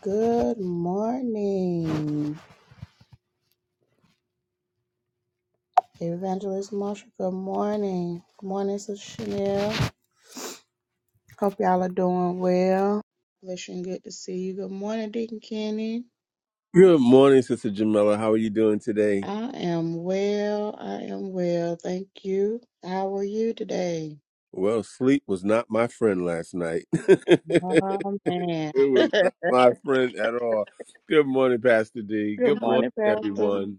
Good morning, Evangelist Marsha. Good morning. Good morning, Sister Chanel. Hope y'all are doing well. Listen, good to see you. Good morning, Deacon Kenny. Good morning, Sister Jamila. How are you doing today? I am well. I am well. Thank you. How are you today? Well, sleep was not my friend last night. it Oh, man. was good not my friend at all. Good morning, Pastor D. Good morning, morning, Pastor. everyone.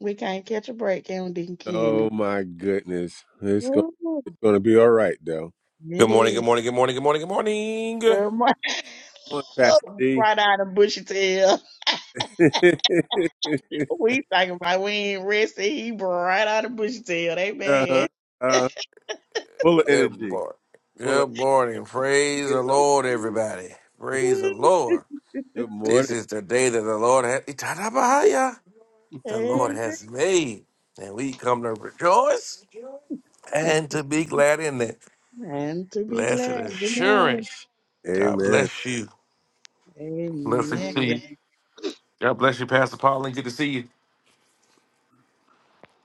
We can't catch a break, can we, Deacon Kenny? Oh my goodness, it's going, Woo, it's going to be all right though. Good It morning, good is. morning, good morning, good morning, good morning. Good morning. Good morning, Pastor Look, D. right out of bushy tail. We talking about we ain't rested. He right out of bush tail. They mad. uh-huh. uh, full of Good energy. morning. Full of. Good morning. Praise the You Lord, know. everybody. Praise the Lord. Good This morning. is the day that the Lord has Itanabahaya. The Lord Amen. has made. And we come to rejoice and to be glad in it. And to be Blessed glad. Amen. assurance. God Amen. bless you. Amen. Blessings to you. God bless you, Pastor Pauline. Good to see you.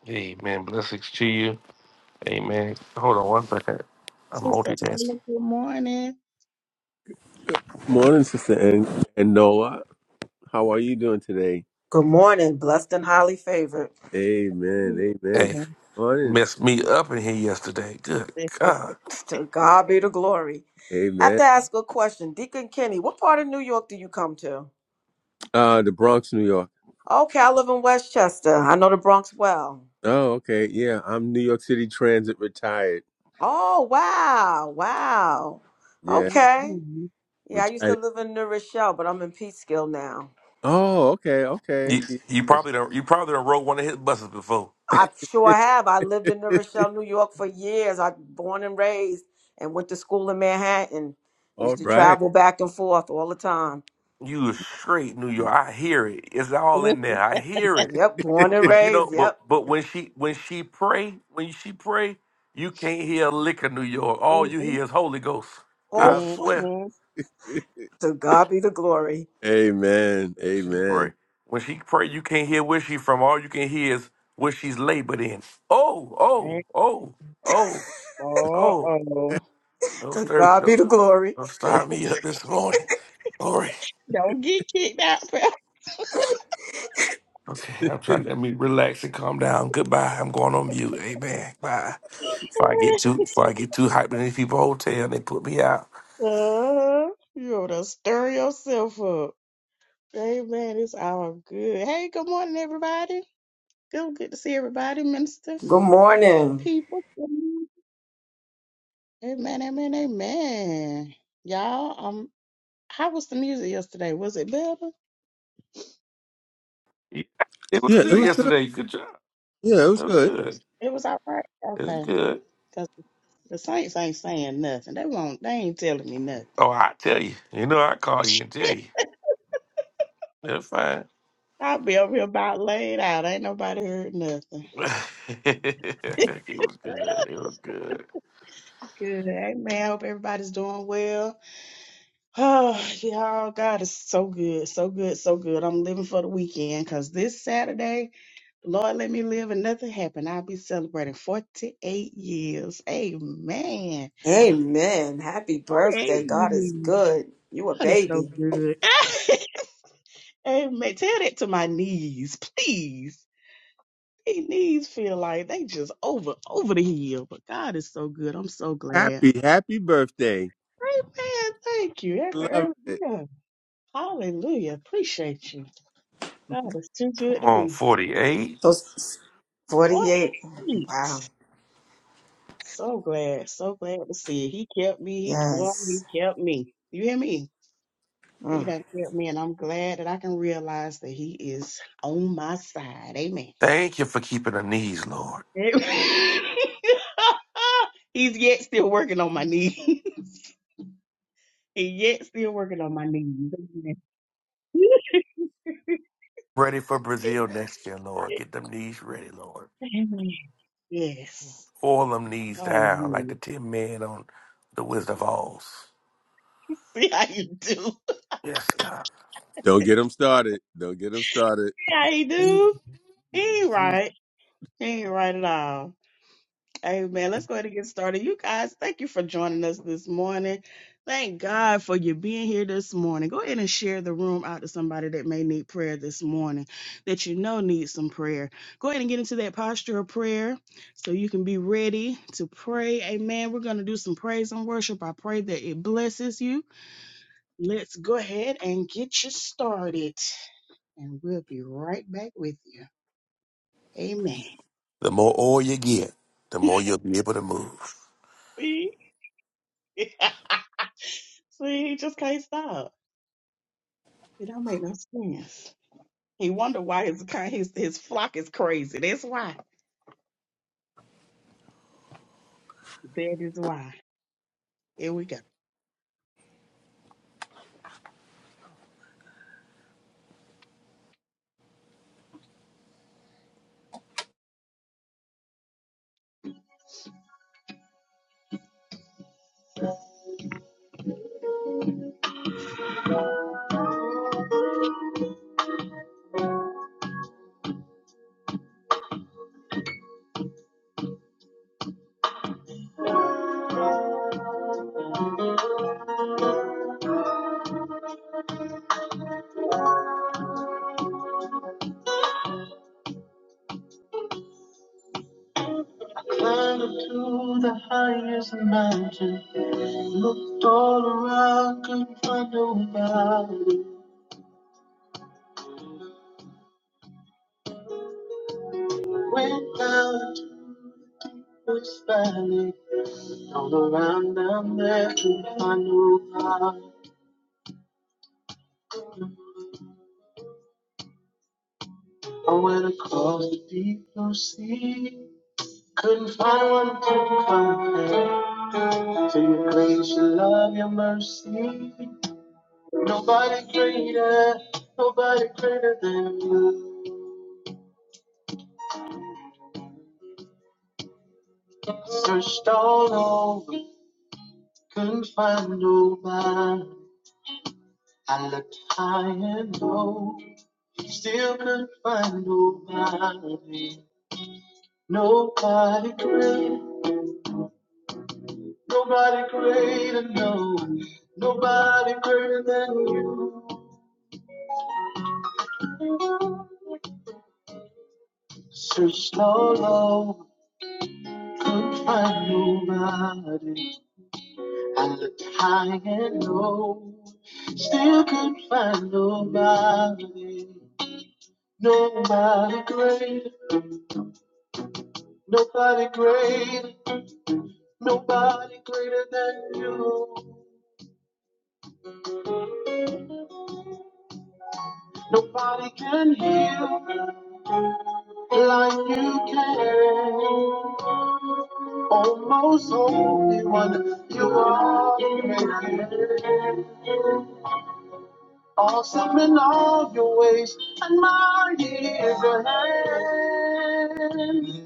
Amen. Blessings to you. Amen. Hold on one second. I'm Sister, multitasking. Lola, good morning. Morning, Sister and, and Noah. How are you doing today? Good morning, blessed and highly favored. Amen. Amen. Hey. Good Amen. morning. messed me up in here yesterday. Good God. To God be the glory. I have Amen. to ask a question. Deacon Kenny, what part of New York do you come to? Uh, the Bronx, New York. Okay, I live in Westchester. I know the Bronx well. Oh, okay. Yeah, I'm New York City Transit retired. Oh, wow. Wow. Yeah, Okay. Mhm. Yeah, I used to retired. live in New Rochelle, but I'm in Peekskill now. Oh, okay, okay. You you Yes. probably don't you probably done rode one of his buses before. I sure have. I lived in New Rochelle, New York for years. I born and raised and went to school in Manhattan. All Used to right. travel back and forth all the time. You a straight New York. I hear it. It's all in there. I hear it. Yep, born and But you know, raised. but Yep. but when she when she pray, when she pray, you can't hear a lick of New York. All you Mhm. hear is Holy Ghost. Oh, I swear. Mhm. To God be the glory. Amen. She Amen. pray. When she pray, you can't hear where she from. All you can hear is where she's labored in. Oh, oh, oh, oh, oh. Uh-oh. Don't To stir God be don't, the glory. don't yeah, start me up this morning. All right. Don't get kicked out. Pastor. Okay. I'm trying to let me relax and calm down. Goodbye. I'm going on mute. Amen. Bye. Before I get too before I get too hyped in these people hotel, they put me out. You're to stir yourself up. Amen. It's all good. Hey, good morning, everybody. Good, good to see everybody, minister, Good morning. people. Amen, amen, amen. Y'all, um, how was the music yesterday? Was it better? Yeah. It was it good Anybody? was good. yesterday. Good job. Yeah, it was It was good. good. It was all right. It was Okay, good. because the saints ain't saying nothing. They won't. They ain't telling me nothing. Oh, I tell you. You know I call you and tell you. That's fine. I'll be over here about laid out. Ain't nobody heard nothing. it was good. It was good. Good. Amen. Hope everybody's doing well. Oh, y'all, God is so good, so good, so good. I'm living for the weekend because this Saturday, the Lord let me live and nothing happened. I'll be celebrating 48 years. Amen. Amen. Happy 48 birthday. God is years. good. You a God is so baby. good. Amen. Tell that to my knees, please. These knees feel like they just over, over the hill, but God is so good. I'm so glad. Happy, happy birthday. Amen. Thank you. Happy Love early. it. Yeah. Hallelujah. Appreciate you. God is too good Come to on, me. 48. So s- 48. 48. Wow. So glad, so glad to see it. He kept me. He boy, he Yes. kept me. You hear me? He Mm. done kept me, and I'm glad that I can realize that he is on my side. Amen. Thank you for keeping the knees, Lord. Amen. He's yet still working on my knees. He yet still working on my knees. Amen. Ready for It Brazil makes next year, Lord. Get them knees ready, Lord. me- Amen. Yes. All them knees down, like Hallelujah. the ten men on the Wizard of Oz. See how you do. See Yes, God. Don't get them started. Don't get them started. how you do. He ain't right. He ain't right at all. Amen. Let's go ahead and get started. You guys, thank you for joining us this morning. Thank God for you being here this morning. Go ahead and share the room out to somebody that may need prayer this morning, that you know needs some prayer. Go ahead and get into that posture of prayer so you can be ready to pray. Amen. We're going to do some praise and worship. I pray that it blesses you. Let's go ahead and get you started, and we'll be right back with you. Amen. The more oil you get, the more you'll be able to move. See, he just can't stop. It don't make no sense. He wonder why his kind his his flock is crazy. That's why. That is why. Here we go. Climbed up to the highest mountain, looked all around, couldn't find nobody. Went down into this valley, all around down there, couldn't find nobody. I went across the deep blue sea, couldn't find one to compare. To your grace, your love, your mercy. Nobody greater, nobody greater than you. Searched all over, couldn't find nobody. I looked high and low, still couldn't find nobody. Nobody great, nobody greater, no. Nobody greater than you. Searched all over, couldn't find nobody. I looked high and low, still couldn't find nobody, nobody greater, nobody greater, nobody greater than you. Nobody can heal like you can. Almost holy one, you are great. Awesome in all your ways, and mighty is your hand.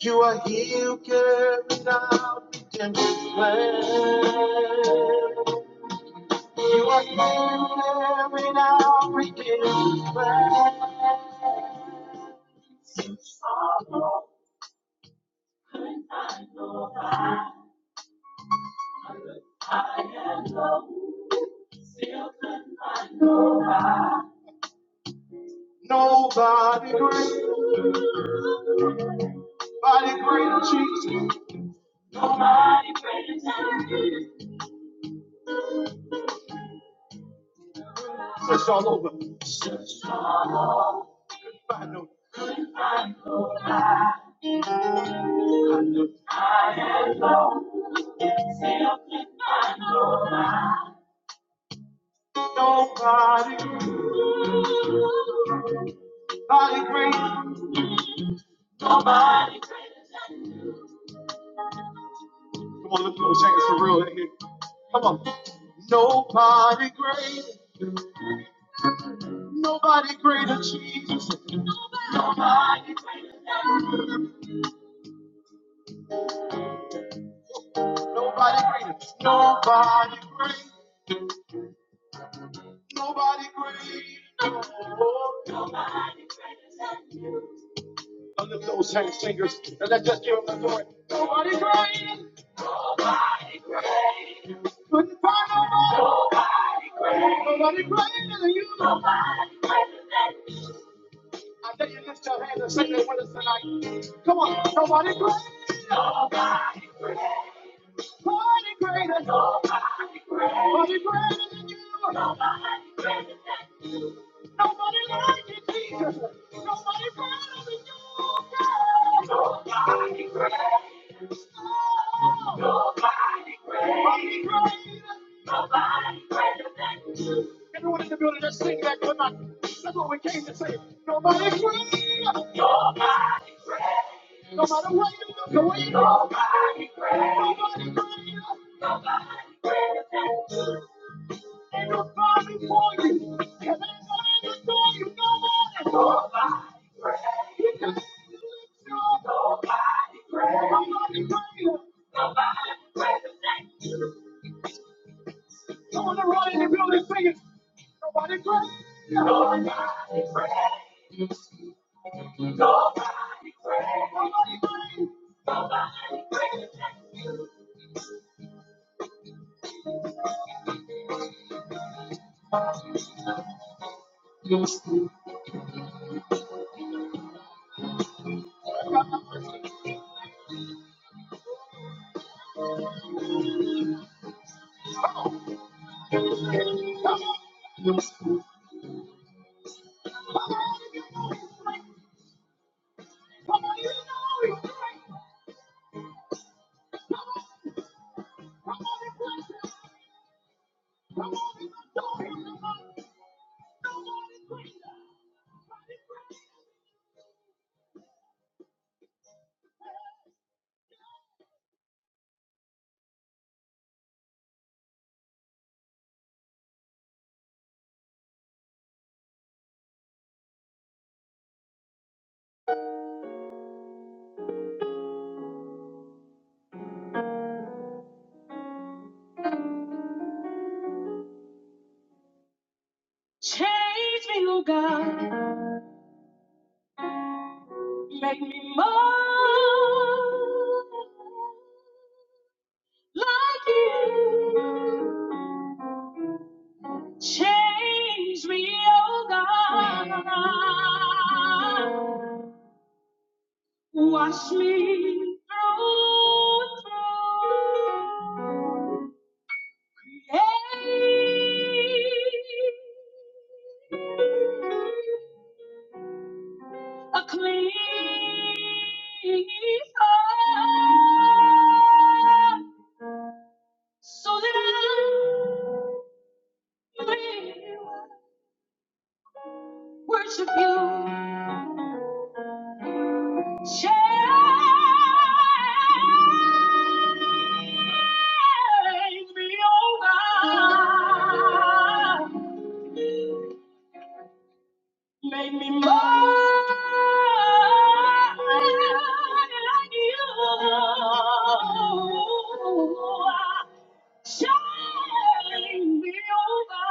You are here, carrying out redemption's plan. You are here, carrying out redemption's plan. Nobody great, nobody greater, Jesus. Search all over. I know, I Nobody, nobody great. Come on, lift those hands for real in here. Come on. Nobody great, nobody greater, Jesus. Nobody great. Nobody great. Nobody great. No. Now lift those hands, fingers, and let's just give them the glory. Nobody great. Couldn't find nobody greater than you. Nobody greater than you. I dare you lift your hands and sing it with us tonight. Come on, nobody great. Nobody. great. Nobody greater. Nobody greater. Nobody greater than you. Nobody greater than you. Nobody like you, Jesus. Nobody greater than you. God. Nobody greater. Oh. Nobody greater. Nobody greater. Nobody greater than you. Everyone in the building, just sing that. Come on. That's what we came to say. Nobody greater. Nobody no matter what you do, no way you do. Nobody greater. Nobody greater. Nobody greater than you. Ain't nobody for you. And ain't nobody for you. Nobody. Nobody greater. You can't lift your Nobody greater. Nobody greater. Nobody greater than you. Come on, everybody in the building, sing it. Nobody greater. Nobody. Change me, oh God. Make me more. like you. Change me, oh God. Wash me through, through. Create a clean heart so that I may worship you. Change me over. Make me more like you. Change me over.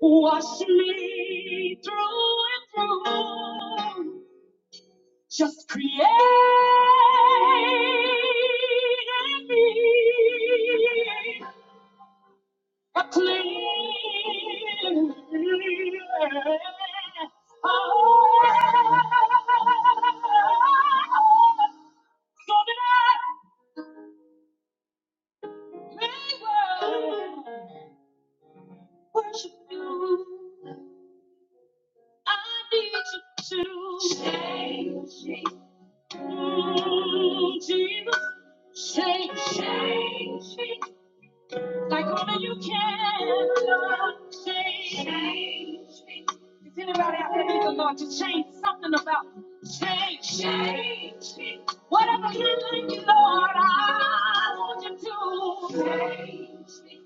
Wash me through and through. Just create in me a clean heart, so that I may worship you. I need you to change me, Mm, Jesus. Change, change me. Like only you can change. Change. Is anybody out there need the Lord to change something about you? Change. Change. me. Whatever you think, Lord, I want you to change. me.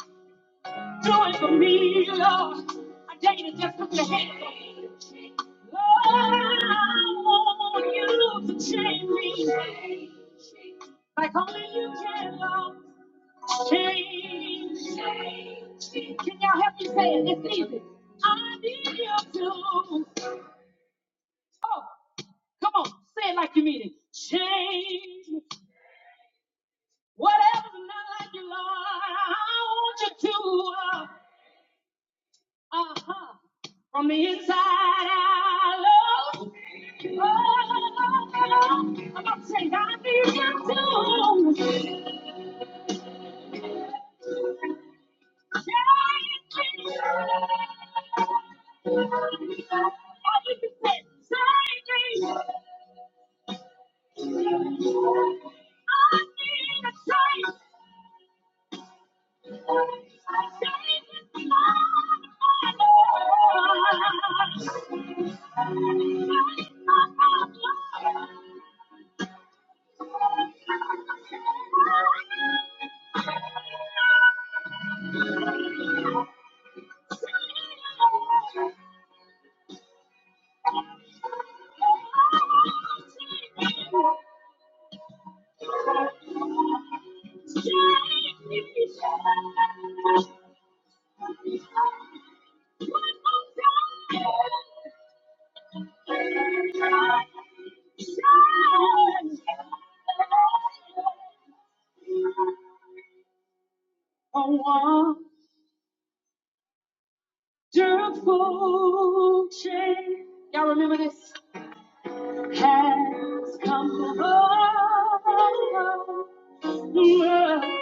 Do it for me, Lord. I dare you to just put your hands on me. Lord, I want you to Change me. Like only you can, Lord. Change. Can y'all help me say it? It's easy. I need you to. Oh, come on, say it like you mean it. Change. me. Whatever's not like you, Lord, I want you to. Uh huh. From the inside out, Lord. Oh, I'm about to say, I need you to. A wonderful change. Y'all remember this? Has come over.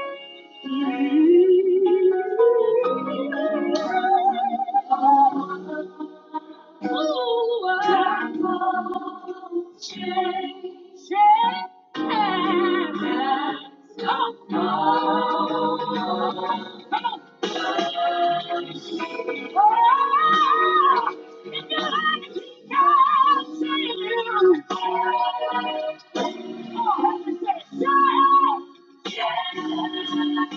Oh,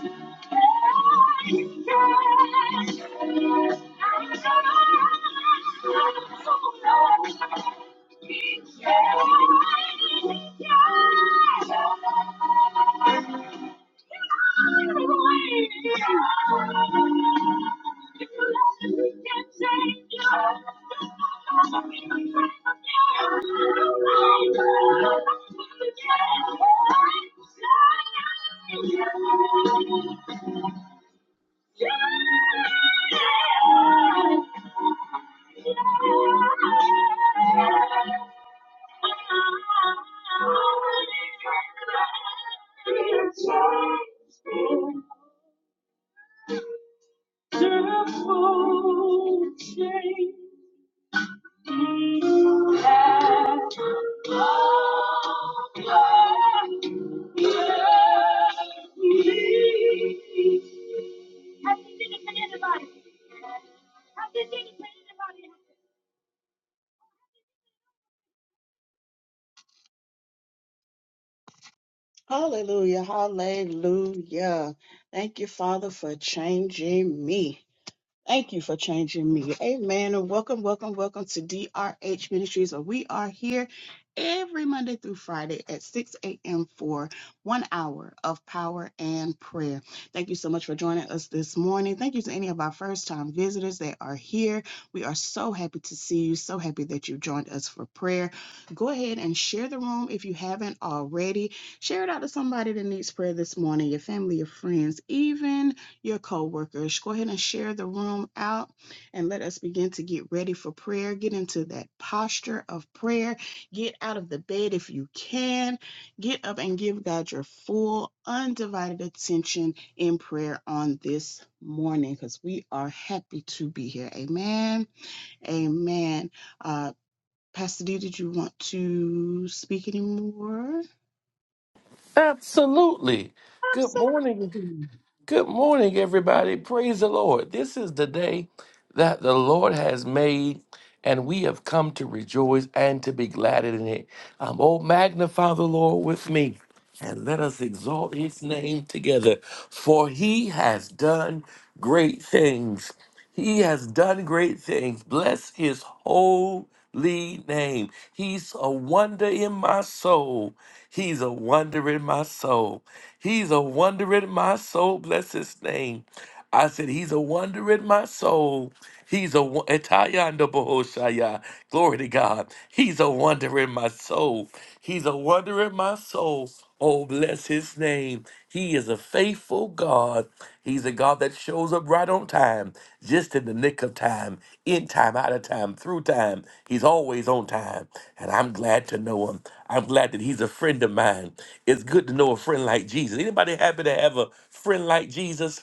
yeah. Hallelujah, hallelujah. Thank you, Father, for changing me. Thank you for changing me. Amen. And welcome, welcome, welcome to DRH Ministries. And we are here every Monday through Friday at 6 a.m. for one hour of power and prayer. Thank you so much for joining us this morning. Thank you to any of our first time visitors that are here. We are so happy to see you. So happy that you joined us for prayer. Go ahead and share the room if you haven't already. Share it out to somebody that needs prayer this morning, your family, your friends, even your co-workers. Go ahead and share the room out and let us begin to get ready for prayer. Get into that posture of prayer. Get out of the bed if you can. Get up and give God your full undivided attention in prayer on this morning because we are happy to be here. Amen. Amen. Uh Pastor D, did you want to speak anymore? Absolutely. Good morning. Absolutely. Good morning, everybody. Praise the Lord. This is the day. that the Lord has made, and we have come to rejoice and to be glad in it. Um, oh, magnify the Lord with me, and let us exalt his name together, for he has done great things. He has done great things. Bless his holy name. He's a wonder in my soul. He's a wonder in my soul. He's a wonder in my soul. Bless his name. I said, He's a wonder in my soul. He's a wo- Etayanda Bohoshaya. Glory to God. He's a wonder in my soul. He's a wonder in my soul. Oh, bless his name. He is a faithful God. He's a God that shows up right on time, just in the nick of time, in time, out of time, through time. He's always on time. And I'm glad to know him. I'm glad that he's a friend of mine. It's good to know a friend like Jesus. Anybody happy to have a friend like Jesus?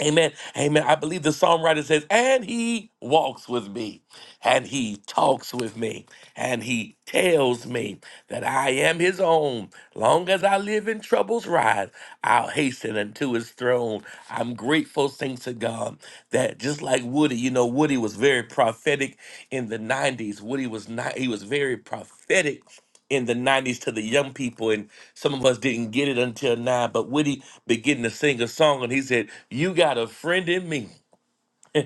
Amen. Amen. I believe the psalm writer says, and he walks with me, and he talks with me, and he tells me that I am his own. Long as I live in troubles rise, I'll hasten unto his throne. I'm grateful, thanks to God, that just like Woody, you know, Woody was very prophetic in the 90s. Woody was not, he was very prophetic in the 90s to the young people. and. Some of us didn't get it until now, but Woody beginning to sing a song and he said, You got a friend in me.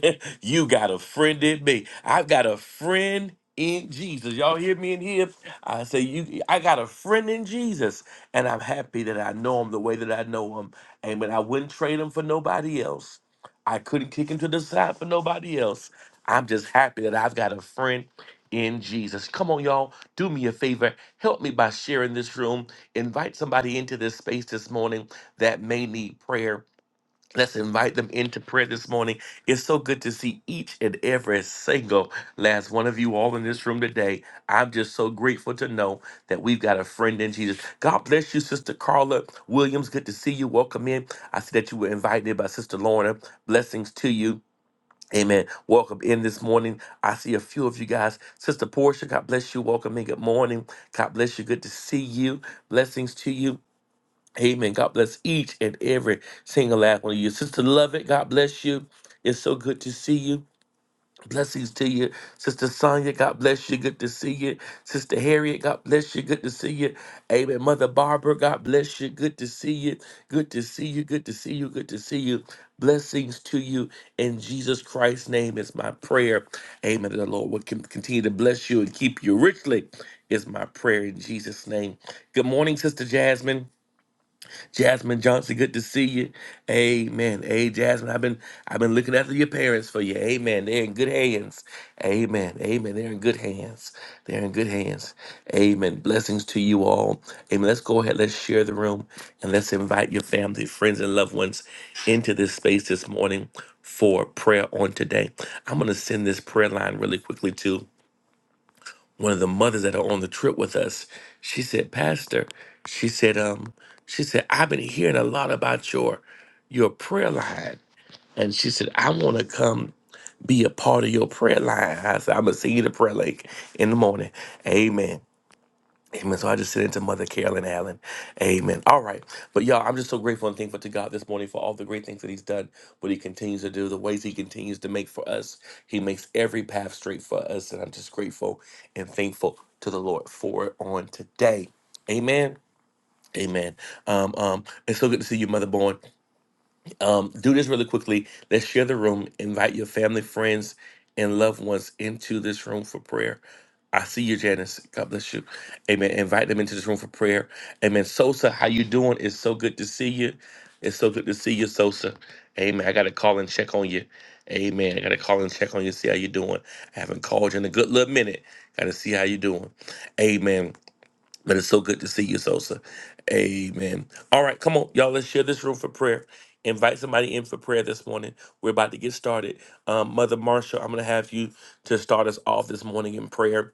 you got a friend in me. I've got a friend in Jesus. Y'all hear me in here? I say you I got a friend in Jesus. And I'm happy that I know him the way that I know him. Amen. I wouldn't trade him for nobody else. I couldn't kick him to the side for nobody else. I'm just happy that I've got a friend in Jesus. Come on, y'all. Do me a favor. Help me by sharing this room. Invite somebody into this space this morning that may need prayer. Let's invite them into prayer this morning. It's so good to see each and every single last one of you all in this room today. I'm just so grateful to know that we've got a friend in Jesus. God bless you, Sister Carla Williams. Good to see you. Welcome in. I see that you were invited by Sister Lorna. Blessings to you. Amen. Welcome in this morning. I see a few of you guys. Sister Portia, God bless you. Welcome in. Good morning. God bless you. Good to see you. Blessings to you. Amen. God bless each and every single last one of you. Sister Lovett, God bless you. It's so good to see you. Blessings to you. Sister Sonia, God bless you. Good to see you. Sister Harriet, God bless you. Good to see you. Amen. Mother Barbara, God bless you. Good to see you. Good to see you. Good to see you. Good to see you. Blessings to you. In Jesus Christ's name is my prayer. Amen. The Lord will con- continue to bless you and keep you richly is my prayer in Jesus' name. Good morning, Sister Jasmine. Jasmine Johnson, good to see you. Amen. Hey, Jasmine, I've been I've been looking after your parents for you. Amen. They're in good hands. Amen. Amen. They're in good hands. They're in good hands. Amen. Blessings to you all. Amen. Let's go ahead. Let's share the room and let's invite your family, friends, and loved ones into this space this morning for prayer on today. I'm going to send this prayer line really quickly too one of the mothers that are on the trip with us, she said, Pastor, she said, um, she said, I've been hearing a lot about your your prayer line. And she said, I want to come be a part of your prayer line. I said, I'm gonna send you the prayer link in the morning. Amen. Amen. So I just sent it to Mother Carolyn Allen. Amen. All right. But y'all, I'm just so grateful and thankful to God this morning for all the great things that He's done, what He continues to do, the ways He continues to make for us. He makes every path straight for us. And I'm just grateful and thankful to the Lord for it on today. Amen. Amen. Um, um, it's so good to see you, Mother Born. Um, do this really quickly. Let's share the room. Invite your family, friends, and loved ones into this room for prayer. I see you, Janice. God bless you. Amen. Invite them into this room for prayer. Amen. Sosa, how you doing? It's so good to see you. It's so good to see you, Sosa. Amen. I got to call and check on you. Amen. I got to call and check on you, see how you doing. I haven't called you in a good little minute. Got to see how you doing. Amen. But it's so good to see you, Sosa. Amen. All right, come on, y'all. Let's share this room for prayer. Invite somebody in for prayer this morning. We're about to get started. Um, Mother Marsha, I'm going to have you to start us off this morning in prayer.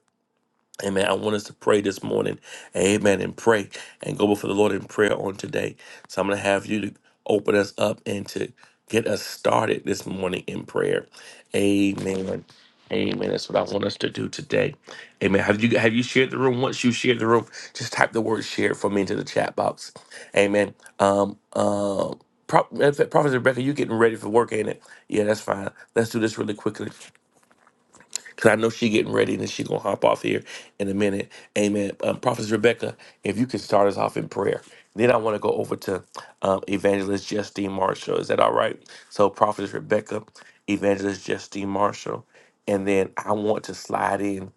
Amen. I want us to pray this morning. Amen. And pray and go before the Lord in prayer on today. So I'm going to have you to open us up and to get us started this morning in prayer. Amen. Amen. That's what I want us to do today. Amen. Have you have you shared the room? Once you share the room, just type the word share for me into the chat box. Amen. Um um Pro- in fact, Prophet Rebecca, you getting ready for work, ain't it? Yeah, that's fine. Let's do this really quickly because I know she getting ready and she gonna hop off here in a minute. Amen. Um, Prophetess Rebecca, if you can start us off in prayer, then I want to go over to um, Evangelist Justine Marshall. Is that all right? So Prophetess Rebecca, Evangelist Justine Marshall, and then I want to slide in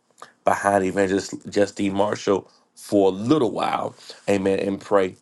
behind Evangelist Justine Marshall for a little while. Amen. And pray.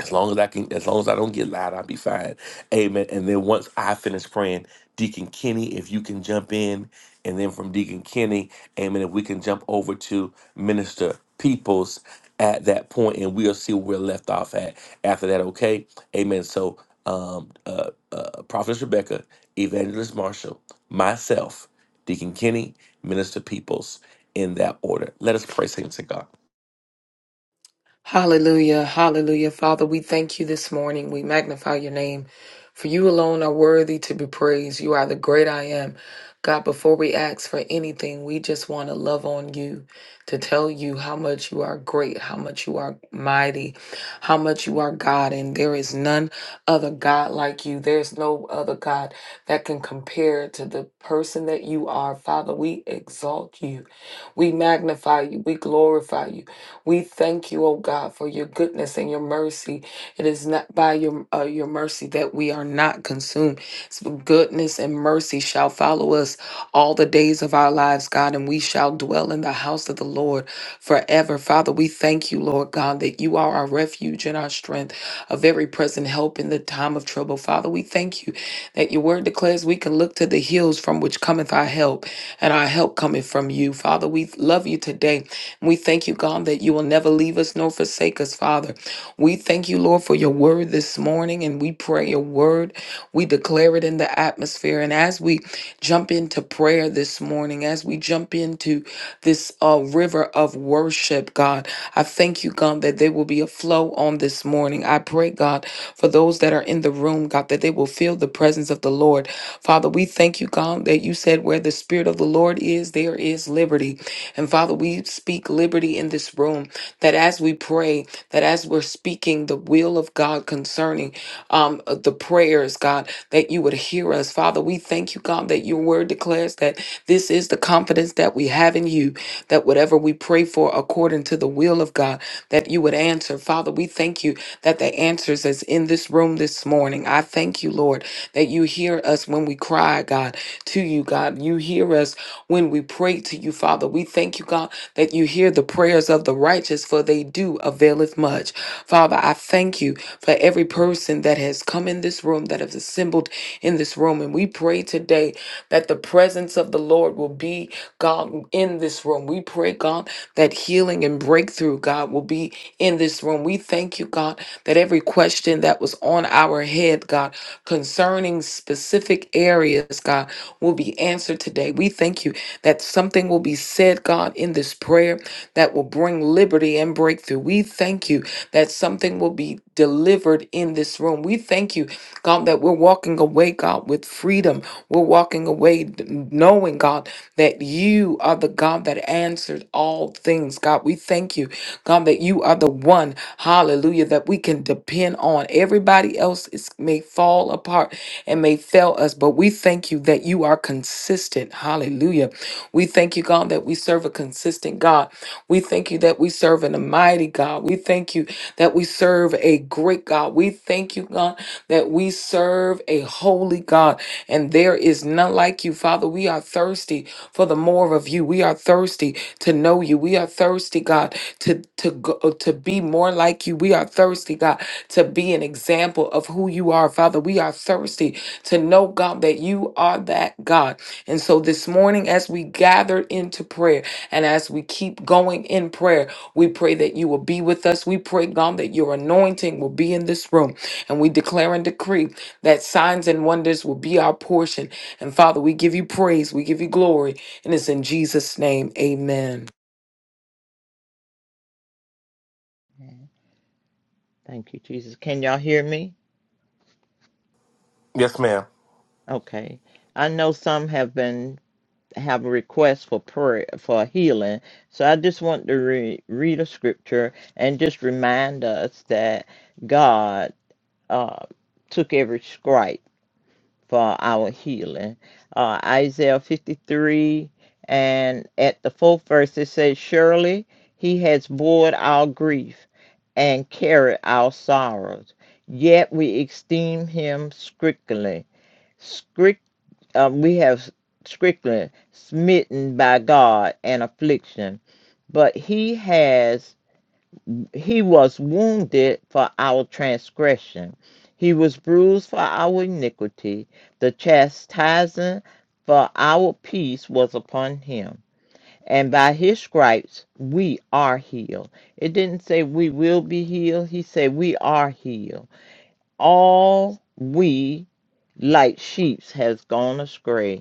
As long as I can, as long as I don't get loud, I'll be fine. Amen. And then once I finish praying, Deacon Kenny, if you can jump in, and then from Deacon Kenny, Amen. If we can jump over to Minister Peoples at that point, and we'll see where we're left off at after that. Okay, Amen. So, um, uh, uh, Prophet Rebecca, Evangelist Marshall, myself, Deacon Kenny, Minister Peoples, in that order. Let us pray, saints to God. Hallelujah, hallelujah. Father, we thank you this morning. We magnify your name, for you alone are worthy to be praised. You are the great I am. God, before we ask for anything, we just want to love on you, to tell you how much you are great, how much you are mighty, how much you are God, and there is none other God like you. There's no other God that can compare to the person that you are. Father, we exalt you, we magnify you, we glorify you. We thank you, oh God, for your goodness and your mercy. It is not by your uh, your mercy that we are not consumed. So goodness and mercy shall follow us all the days of our lives, God, and we shall dwell in the house of the Lord forever. Father, we thank you, Lord God, that you are our refuge and our strength, a very present help in the time of trouble. Father, we thank you that your word declares we can look to the hills from which cometh our help, and our help cometh from you. Father, we love you today we thank you, God, that you will never leave us nor forsake us, Father. We thank you, Lord, for your word this morning, and we pray your word. We declare it in the atmosphere. And as we jump into prayer this morning, as we jump into this uh, river of worship, God, I thank you, God, that there will be a flow on this morning. I pray, God, for those that are in the room, God, that they will feel the presence of the Lord. Father, we thank you, God, that you said where the Spirit of the Lord is, there is liberty. And Father, we speak liberty in this room that as we pray, that as we're speaking the will of God concerning um, uh, the prayers, God, that you would hear us. Father, we thank you, God, that your word declares that this is the confidence that we have in you, that whatever we pray for according to the will of God, that you would answer. Father, we thank you that the answers is in this room this morning. I thank you, Lord, that you hear us when we cry, God, to you, God. You hear us when we pray to you, Father. We thank you, God, that you hear the prayers of the righteous, for they do availeth much. Father, I thank you for every person that has come in this room, that has assembled in this room. And we pray today that the presence of the Lord will be, God, in this room. We pray, God, that healing and breakthrough, God, will be in this room. We thank you, God, that every question that was on our head, God, concerning specific areas, God, will be answered today. We thank you that something will be said, God, in this prayer that will bring liberty and breakthrough. We thank you that something will be delivered in this room. We thank you, God, that we're walking away, God, with freedom. We're walking away d- knowing, God, that you are the God that answered all things. God, we thank you, God, that you are the one, hallelujah, that we can depend on. Everybody else is, may fall apart and may fail us, but we thank you that you are consistent. Hallelujah. We thank you, God, that we serve a consistent God. We thank you that we serve an almighty God. We thank you that we serve a great God. We thank you, God, that we serve a holy God, and there is none like you, Father. We are thirsty for the more of you. We are thirsty to know you. We are thirsty, God, to to go, to be more like you. We are thirsty, God, to be an example of who you are, Father. We are thirsty to know, God, that you are that God. And so this morning, as we gathered into prayer, and as we keep going in prayer. We pray that you will be with us. We pray, God, that your anointing will be in this room. And we declare and decree that signs and wonders will be our portion. And Father, we give you praise. We give you glory. And it's in Jesus' name. Amen. Amen. Thank you, Jesus. Can y'all hear me? Yes, ma'am. Okay. I know some have been have a request for prayer for healing, so I just want to re- read a scripture and just remind us that God uh, took every stripe. for our healing. Uh, Isaiah 53 and at the fourth verse it says, Surely he has borne our grief and carried our sorrows. Yet we esteem him strictly. Scrict, uh, we have strictly smitten by God and affliction. But he has he was wounded for our transgression. He was bruised for our iniquity. The chastisement for our peace was upon him. And by his stripes we are healed. It didn't say we will be healed. He said we are healed. All we like sheep has gone astray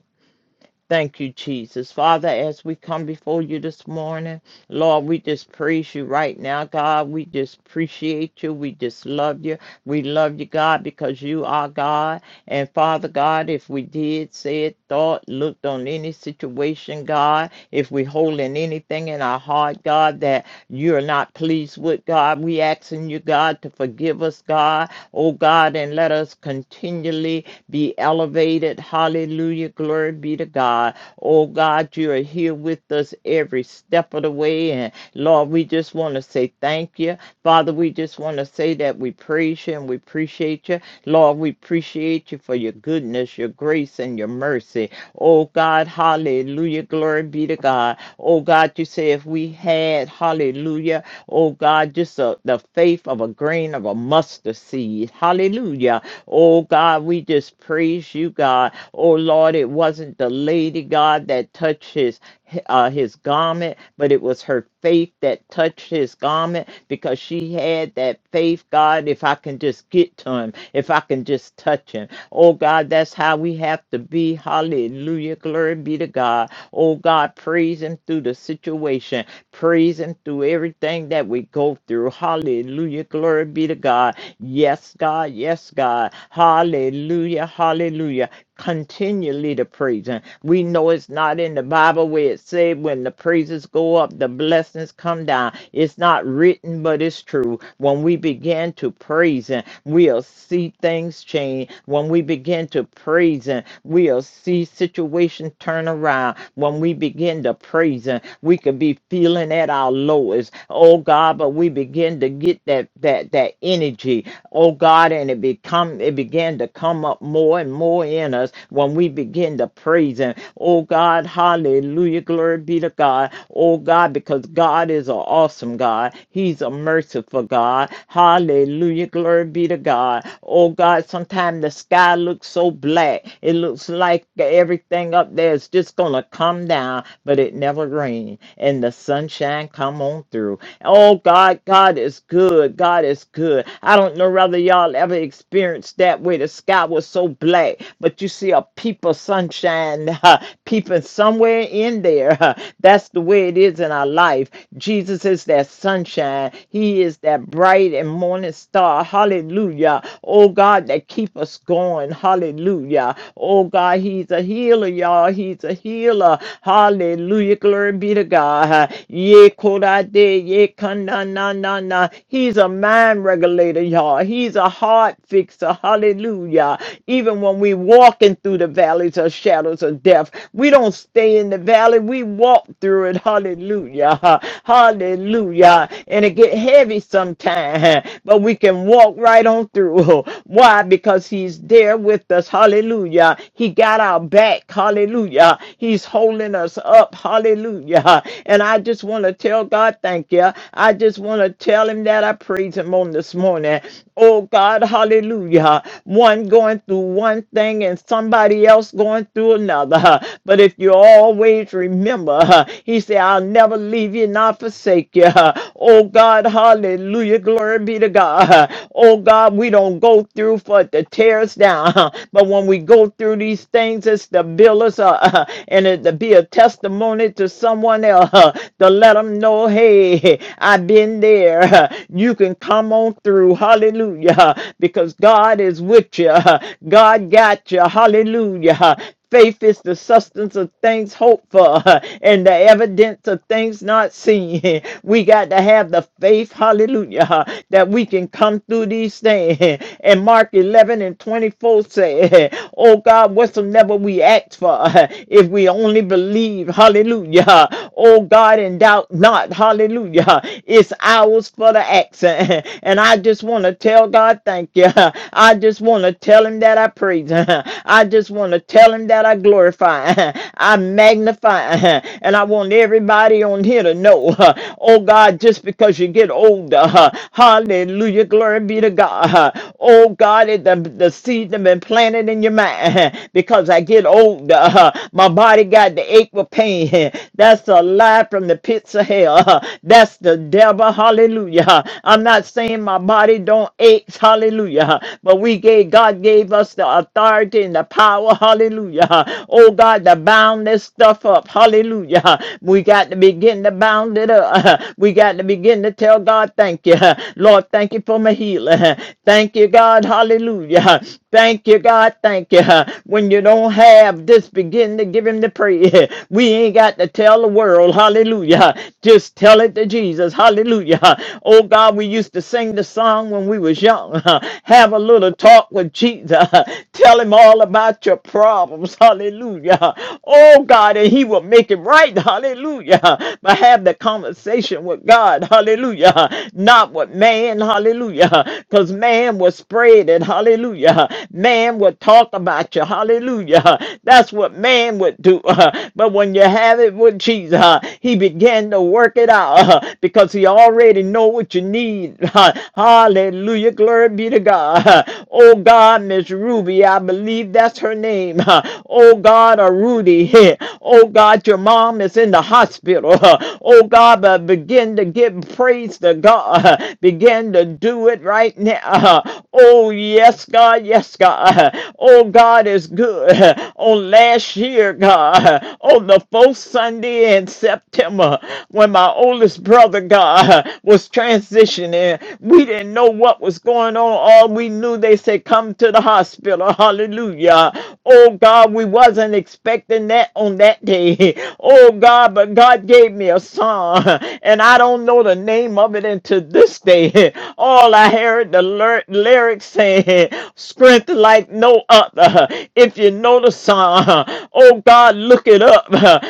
Thank you, Jesus. Father, as we come before you this morning, Lord, we just praise you right now, God. We just appreciate you. We just love you. We love you, God, because you are God and Father God, if we did, said, thought, looked on any situation, God, if we holding anything in our heart, God, that you're not pleased with, God, we asking you, God, to forgive us, God, oh God, and let us continually be elevated. Hallelujah. Glory be to God. Oh God, you are here with us every step of the way. And Lord, we just want to say thank you. Father, Father, we just want to say that we praise you and we appreciate you. Lord, we appreciate you for your goodness, your grace, and your mercy. Oh God, hallelujah. Glory be to God. Oh God, you say if we had, hallelujah, oh God, just a, the faith of a grain of a mustard seed. Hallelujah. Oh God, we just praise you, God. Oh Lord, it wasn't the lady, God, that touched his uh, his garment, but it was her faith that touched his garment because she had that faith, God, if I can just get to him, if I can just touch him. Oh, God, that's how we have to be. Hallelujah. Glory be to God. Oh, God, praise him through the situation, praise him through everything that we go through. Hallelujah. Glory be to God. Yes, God. Yes, God. Hallelujah. Hallelujah continually to praise him. We know it's not in the Bible where it said when the praises go up, the blessings come down. It's not written, but it's true. When we begin to praise him, we'll see things change. When we begin to praise him, we'll see situation turn around. When we begin to praise him, we could be feeling at our lowest. Oh God, but we begin to get that that that energy oh God, and it become it began to come up more and more in us within us when we begin to praise Him. Oh God, hallelujah. Glory be to God. Oh God, because God is an awesome God. He's a merciful God. Hallelujah. Glory be to God. Oh God, sometimes the sky looks so black. It looks like everything up there is just going to come down, but it never rains. And the sunshine come on through. Oh God, God is good. God is good. I don't know whether y'all ever experienced that where the sky was so black, but you mercy of people, sunshine, peeping somewhere in there. That's the way it is in our life. Jesus is that sunshine. He is that bright and morning star. Hallelujah. Oh God, that keep us going. Hallelujah. Oh God, He's a healer, y'all. He's a healer. Hallelujah. Glory be to God. Ye kodade, ye kana na na na. He's a mind regulator, y'all. He's a heart fixer. Hallelujah. Even when we walking walking through the valleys of shadows of death. We don't stay in the valley. We walk through it. Hallelujah. Hallelujah. And it get heavy sometimes, but we can walk right on through. Why? Because he's there with us. Hallelujah. He got our back. Hallelujah. He's holding us up. Hallelujah. And I just want to tell God, thank you. I just want to tell him that I praise him on this morning. Oh God, hallelujah. One going through one thing and somebody else going through another. But if you always remember, he said, I'll never leave you, not forsake you. Oh God, hallelujah, glory be to God. Oh God, we don't go through for it to tear us down. But when we go through these things, it's to build us up and it to be a testimony to someone else to let them know, hey, I've been there. You can come on through. Hallelujah. Because God is with you. God got you. Hallelujah. Faith is the substance of things hoped for and the evidence of things not seen. We got to have the faith, hallelujah, that we can come through these things. And Mark 11 and 24 said, Oh God, whatsoever we act for, if we only believe, hallelujah. Oh God, and doubt not, hallelujah. It's ours for the accent. And I just want to tell God, thank you. I just want to tell him that I praise him. I I just want to tell him that I glorify, I magnify, and I want everybody on here to know, oh God, just because you get older, hallelujah, glory be to God. Oh God, it- the, the seed that been planted in your mind, because I get older, my body got the ache with pain. That's a lie from the pits of hell. That's the devil, hallelujah. I'm not saying my body don't ache, hallelujah, but we gave, God gave us the authority and the the power, hallelujah. Oh God, to bound this stuff up, hallelujah. We got to begin to bound it up. We got to begin to tell God, thank you. Lord, thank you for my healing. Thank you, God, hallelujah. Thank you, God, thank you. When you don't have, just begin to give him the praise. We ain't got to tell the world, hallelujah. Just tell it to Jesus, hallelujah. Oh God, we used to sing the song when we was young. Have a little talk with Jesus. Tell him all about about your problems. Hallelujah. Oh God, and He will make it right. Hallelujah. But have the conversation with God. Hallelujah. Not with man. Hallelujah. Because man will spread it. Hallelujah. Man will talk about you. Hallelujah. That's what man would do. Uh, But when you have it with Jesus, uh, He began to work it out uh, because He already know what you need. Uh, Hallelujah. Glory be to God. Uh, Oh God, Miss Ruby, I believe that's that's her name. Oh God, a Rudy. Oh God, your mom is in the hospital. Oh God, but begin to give praise to God. Begin to do it right now. Oh yes, God, yes, God. Oh God is good. On last year, God, on the fourth Sunday in September, when my oldest brother, God, was transitioning, we didn't know what was going on. All we knew, they said, come to the hospital. Hallelujah. Uh, oh God, we wasn't expecting that on that day. Oh God, but God gave me a song, and I don't know the name of it until this day. All I heard the lyr- lyrics saying, "Strength like no other." If you know the song, oh God, look it up.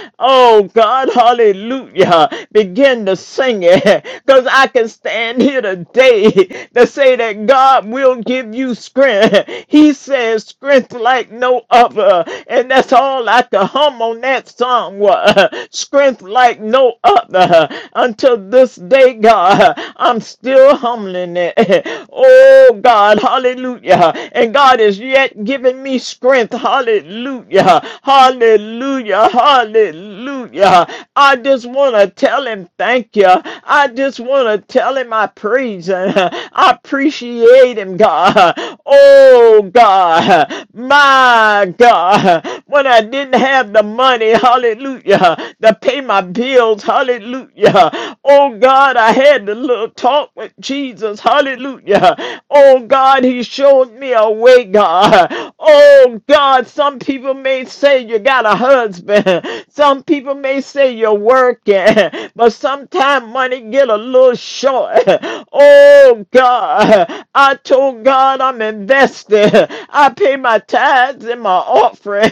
Oh God, Hallelujah! Begin to sing it, cause I can stand here today to say that God will give you strength. He says, "Strength like." like no other. And that's all I could hum on that song was strength like no other. Until this day, God, I'm still humbling it. Oh God, hallelujah. And God is yet giving me strength. Hallelujah. Hallelujah. Hallelujah. I just want to tell him thank you. I just want to tell him I praise him. I appreciate him, God. Oh God. My my God, when I didn't have the money, hallelujah, to pay my bills, hallelujah. Oh God, I had to little talk with Jesus, hallelujah. Oh God, He showed me a way, God. Oh God, some people may say you got a husband, some people may say you're working, but sometimes money get a little short. Oh God, I told God I'm invested, I pay my tithes tithes and my offering.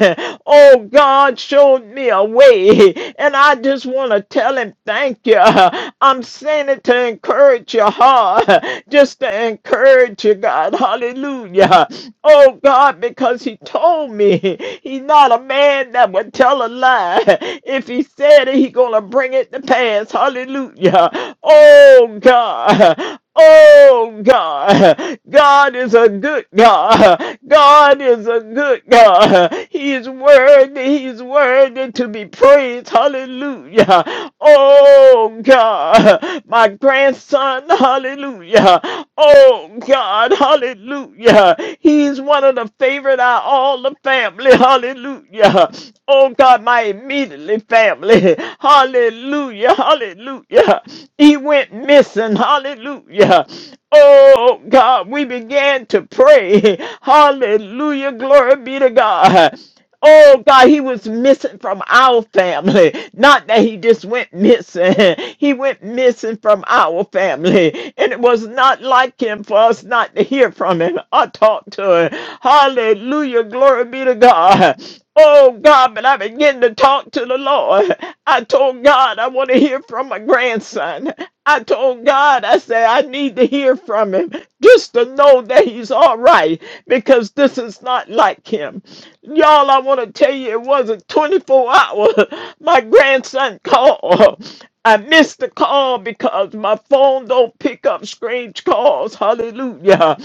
Oh, God showed me a way, and I just want to tell Him thank you. I'm saying it to encourage your heart, just to encourage you, God. Hallelujah. Oh, God, because He told me He's not a man that would tell a lie. If He said it, He's going to bring it to pass. Hallelujah. Oh, God. Oh God, God is a good God. God is a good God. He is worthy. He is worthy to be praised. Hallelujah. Oh God, my grandson. Hallelujah. Oh God. Hallelujah. He's one of the favorite out of all the family. Hallelujah. Oh God, my immediately family. Hallelujah. Hallelujah. He went missing. Hallelujah. Oh God, we began to pray. Hallelujah. Glory be to God. Oh God, he was missing from our family. Not that he just went missing. He went missing from our family. And it was not like him for us not to hear from him. I talked to him. Hallelujah. Glory be to God. Oh God, but I began to talk to the Lord. I told told God I want to hear from my grandson. I told God, I said, I need to hear from him just to know that he's all right because this is not like him. Y'all, I want to tell you, it wasn't 24 hours. My grandson called. I missed the call because my phone don't pick up strange calls. Hallelujah.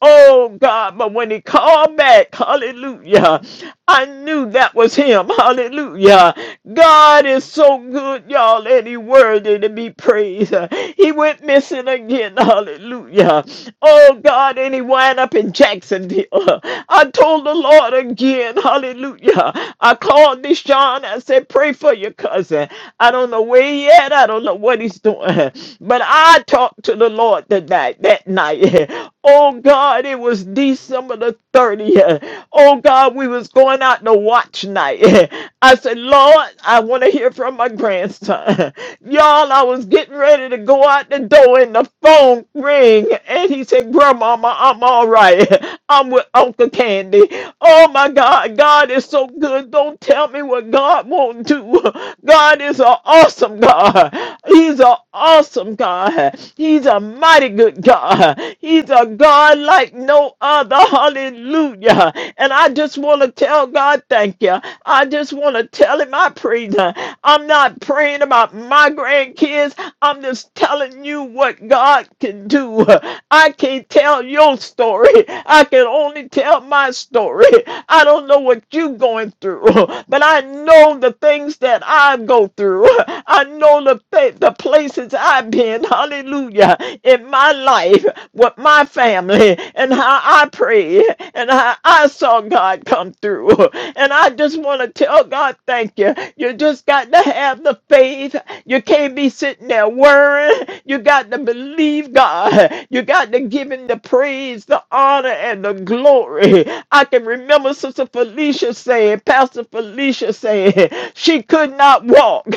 Oh God, but when he called back, hallelujah, I knew that was him. Hallelujah. God is so good, y'all, and he worthy to be praised. He went missing again. Hallelujah. Oh God, and he wound up in Jacksonville. I told the Lord again, hallelujah. I called this John. I said, pray for your cousin. I don't don't know where he at. I don't know what he's doing. But I talked to the Lord that night. That night. Oh God, it was December the 30th. Oh God, we was going out to watch night. I said, Lord, I want to hear from my grandson. Y'all, I was getting ready to go out the door and the phone ring. And he said, Grandmama, I'm all right. I'm with Uncle Candy. Oh my God, God is so good. Don't tell me what God won't do. God is an awesome God. He's an awesome God. He's a mighty good God. He's a God like no other. Hallelujah. And I just want to tell God, thank you. I just want to tell him I praise him. I'm not praying about my grandkids. I'm just telling you what God can do. I can't tell your story. I can only tell my story. I don't know what you're going through, but I know the things things that I go through. I know the, pa- the places I've been, hallelujah, in my life with my family and how I pray and how I saw God come through. And I just want to tell God, thank you. You just got to have the faith. You can't be sitting there worrying. You got to believe God. You got to give Him the praise, the honor, and the glory. I can remember Sister Felicia saying, Pastor Felicia saying said She could not walk,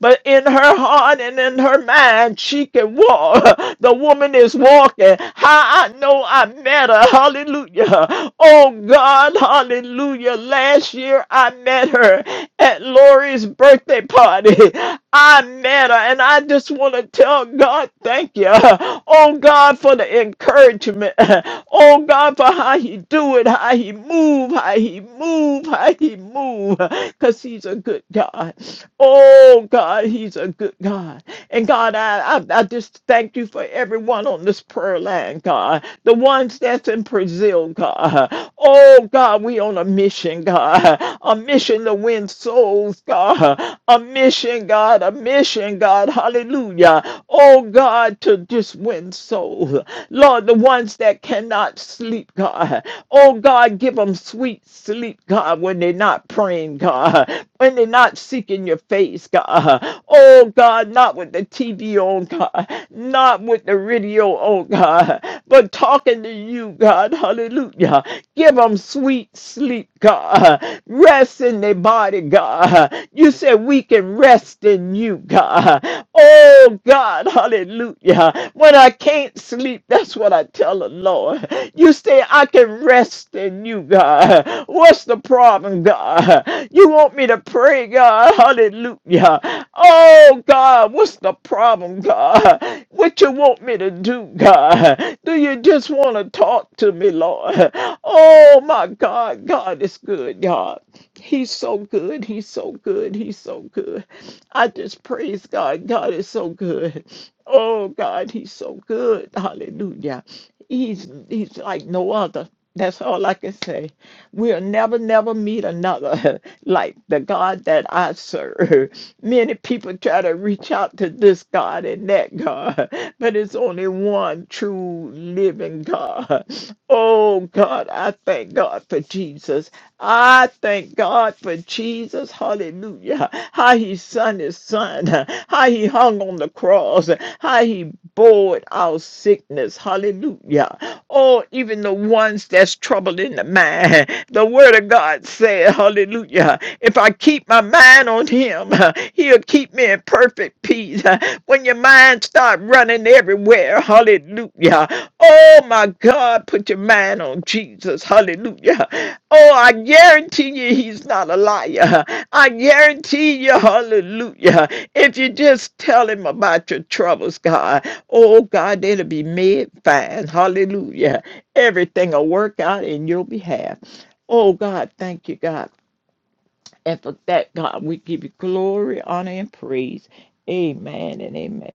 but in her heart and in her mind, she can walk. The woman is walking. How I know I met her. Hallelujah. Oh God, hallelujah. Last year I met her at Lori's birthday party. I matter, and I just want to tell God, thank you. Oh God, for the encouragement. Oh God, for how He do it, how He move, how He move, how He move, because He's a good God. Oh God, He's a good God. And God, I, I I just thank you for everyone on this prayer line, God. The ones that's in Brazil, God. Oh God, we on a on a mission, God. A mission to win souls, God. A mission, God. A mission, God. Hallelujah. Oh, God, to just win souls. Lord, the ones that cannot sleep, God. Oh, God, give them sweet sleep, God, when they're not praying, God. When they're not seeking your face, God. Oh, God, not with the TV on, God. Not with the radio on. oh God, but talking to you, God, hallelujah. Give them sweet sleep, God. Rest in their body, God. You said we can rest in you, God. Oh God, hallelujah. When I can't sleep, that's what I tell the Lord. You say I can rest in you, God. What's the problem, God? You want me to pray, God? Hallelujah. Oh, God, what's the problem, God? What you want me to do, God? Do you just want to talk to me, Lord? Oh, my God, God is good, God. He's so good. He's so good. He's so good. I just praise God. God is so good. Oh, God, He's so good. Hallelujah. He's, he's like no other. That's all I can say. We'll never, never meet another like the God that I serve. Many people try to reach out to this God and that God, but it's only one true living God. Oh, God, I thank God for Jesus. I thank God for Jesus. Hallelujah. How he sent his son. How he hung on the cross. How he bore our sickness. Hallelujah. Oh, even the ones that's troubled in the mind. The word of God said, Hallelujah. If I keep my mind on him, he'll keep me in perfect peace. When your mind start running everywhere, hallelujah. Oh my God, put your mind on Jesus, hallelujah. Oh, I guarantee you he's not a liar. I guarantee you, hallelujah. If you just tell him about your troubles, God, oh God, it'll be made fine. Hallelujah. Everything will work out in your behalf. Oh God, thank you, God. And for that, God, we give you glory, honor, and praise. Amen and amen.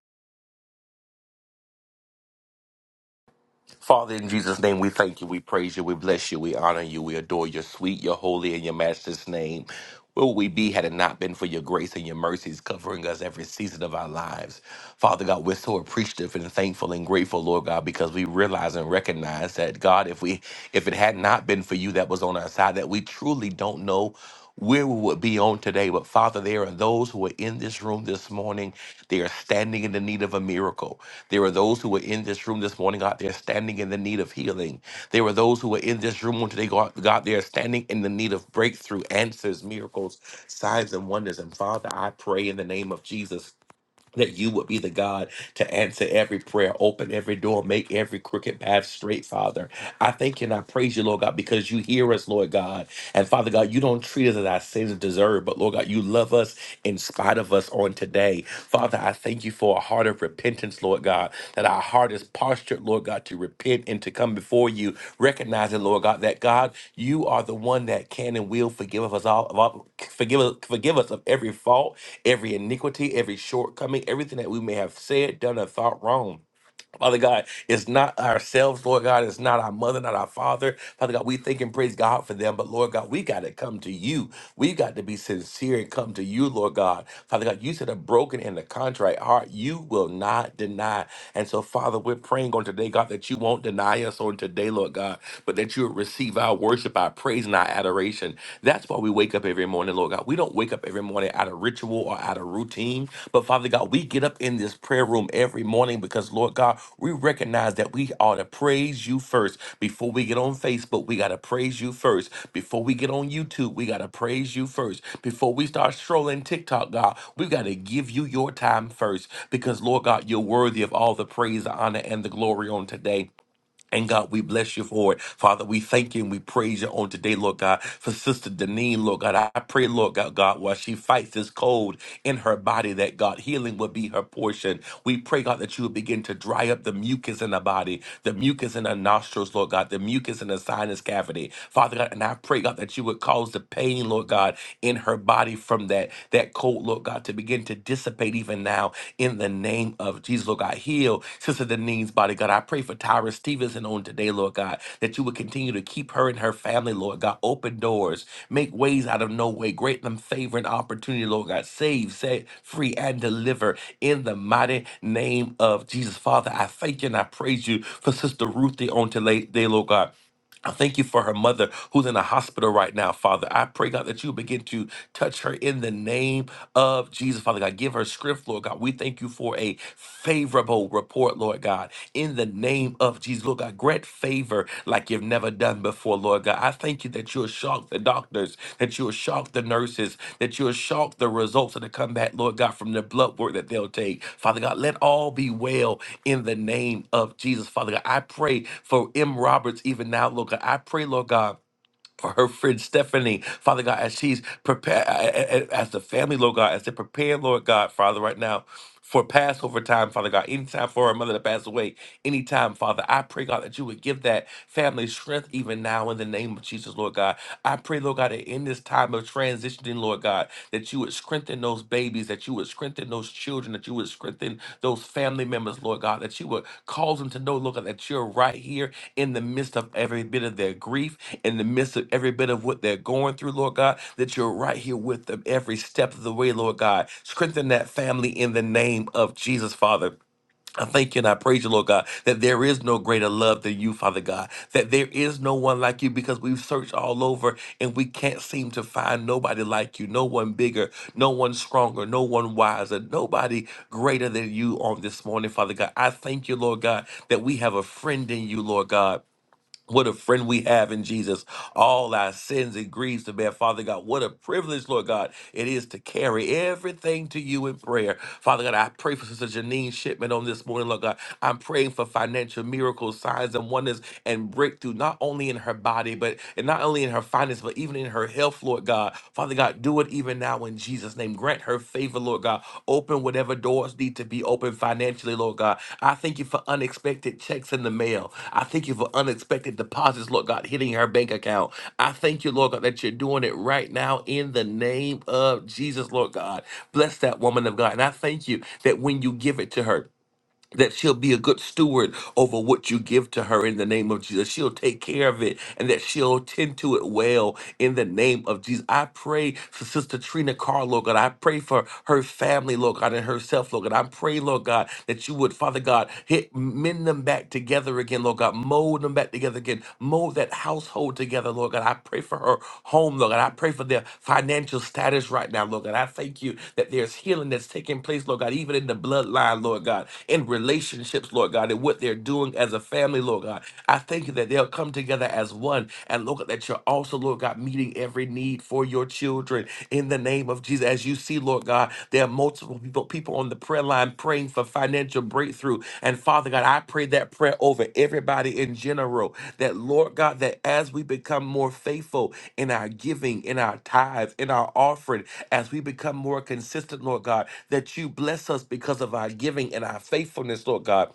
Father, in Jesus' name, we thank you, we praise you, we bless you, we honor you, we adore your sweet, your holy, and your master's name. Where would we be had it not been for your grace and your mercies covering us every season of our lives? Father God, we're so appreciative and thankful and grateful, Lord God, because we realize and recognize that God, if we if it had not been for you that was on our side, that we truly don't know where we would be on today. But Father, there are those who are in this room this morning. They are standing in the need of a miracle. There are those who are in this room this morning, God, they're standing in the need of healing. There are those who are in this room on today, God, God they're standing in the need of breakthrough, answers, miracles, signs, and wonders. And Father, I pray in the name of Jesus that you would be the God to answer every prayer, open every door, make every crooked path straight, Father. I thank you and I praise you, Lord God, because you hear us, Lord God. And Father God, you don't treat us as our sins deserve, but Lord God, you love us in spite of us on today. Father, I thank you for a heart of repentance, Lord Lord God, that our heart is postured, Lord God, to repent and to come before you, recognizing, Lord God, that God, you are the one that can and will forgive us all, of all forgive us, forgive us of every fault, every iniquity, every shortcoming, everything that we may have said, done, or thought wrong. Father God, it's not ourselves, Lord God. It's not our mother, not our father. Father God, we thank and praise God for them. But Lord God, we got to come to you. We got to be sincere and come to you, Lord God. Father God, you said a broken and a contrite heart you will not deny. And so, Father, we're praying on today, God, that you won't deny us on today, Lord God, but that you will receive our worship, our praise, and our adoration. That's why we wake up every morning, Lord. God, we don't wake up every morning out of ritual or out of routine. But Father God, we get up in this prayer room every morning because, Lord God, we recognize that we ought to praise you first. Before we get on Facebook, we got to praise you first. Before we get on YouTube, we got to praise you first. Before we start strolling TikTok, God, we got to give you your time first because, Lord God, you're worthy of all the praise, the honor, and the glory on today. And God, we bless you for it. Father, we thank you and we praise you on today, Lord God, for Sister Deneen, Lord God. I pray, Lord God, God, while she fights this cold in her body, that God, healing will be her portion. We pray, God, that you will begin to dry up the mucus in her body, the mucus in her nostrils, Lord God, the mucus in her sinus cavity. Father God, and I pray, God, that you would cause the pain, Lord God, in her body from that, that cold, Lord Lord God, to begin to dissipate even now in the name of Jesus, Lord God. Heal Sister Denise's body, God. I pray for Tyra Stevenson on today, Lord God, that you would continue to keep her and her family, Lord God. Open doors, make ways out of no way, grant them favor and opportunity, Lord God. Save, set free, and deliver in the mighty name of Jesus. Father, I thank you and I praise you for Sister Ruthie on today, Lord God. I thank you for her mother who's in a hospital right now, Father. I pray, God, that you begin to touch her in the name of Jesus, Father God. Give her strength, Lord God. We thank you for a favorable report, Lord God, in the name of Jesus. Lord God, grant favor like you've never done before, Lord God. I thank you that you'll shock the doctors, that you'll shock the nurses, that you'll shock the results of the comeback, Lord God, from the blood work that they'll take. Father God, let all be well in the name of Jesus. Father God, I pray for M. Roberts even now, Lord God. I pray, Lord God for her friend Stephanie, Father God, as she's prepared, as the family, Lord God, as they're preparing, Lord God, Father, right now for Passover time, Father God, anytime for our mother to pass away, anytime, Father, I pray, God, that you would give that family strength even now in the name of Jesus, Lord God. I pray, Lord God, that in this time of transitioning, Lord God, that you would strengthen those babies, that you would strengthen those children, that you would strengthen those family members, Lord God, that you would cause them to know, Lord God, that you're right here in the midst of every bit of their grief, in the midst of every bit of what they're going through, Lord God, that you're right here with them every step of the way, Lord God. Strengthen that family in the name of Jesus, Father. I thank you and I praise you, Lord God, that there is no greater love than you, Father God, that there is no one like you because we've searched all over and we can't seem to find nobody like you, no one bigger, no one stronger, no one wiser, nobody greater than you on this morning, Father God. I thank you, Lord God, that we have a friend in you, Lord God. What a friend we have in Jesus. All our sins and griefs to bear. Father God, what a privilege, Lord God, it is to carry everything to you in prayer. Father God, I pray for Sister Janine Shipman on this morning, Lord God. I'm praying for financial miracles, signs, and wonders and breakthrough, not only in her body, but and not only in her finances, but even in her health, Lord God. Father God, do it do it even now in Jesus' name. Grant her favor, Lord God. Open whatever doors need to be opened financially, Lord God. I thank you for unexpected checks in the mail. I thank you for unexpected deposits, Lord God, hitting her bank account. I thank you, Lord God, that you're doing it right now in the name of Jesus, Lord God. Bless that woman of God. And I thank you that when you give it to her, that she'll be a good steward over what you give to her in the name of Jesus. She'll take care of it and that she'll tend to it well in the name of Jesus. I pray for Sister Trina Carr, Lord God. I pray for her family, Lord God, and herself, Lord God. I pray, Lord God, that you would, Father God, hit mend them back together again, Lord God. Mold them back together again. Mold that house household together, Lord God. I pray for her home, Lord God. I pray for their financial status right now, Lord God. I thank you that there's healing that's taking place, Lord God, even in the bloodline, Lord God, in relationships, Lord God, and what they're doing as a family, Lord God. I thank you that they'll come together as one and, Lord God, that you're also, Lord God, meeting every need for your children in the name of Jesus As as you see, Lord God, there are multiple people, people on the prayer line praying for financial breakthrough. And Father God, I pray that prayer over everybody in general. That Lord God, that as we become more faithful in our giving, in our tithes, in our offering, as we become more consistent, Lord God, that you bless us because of our giving and our faithfulness, Lord God.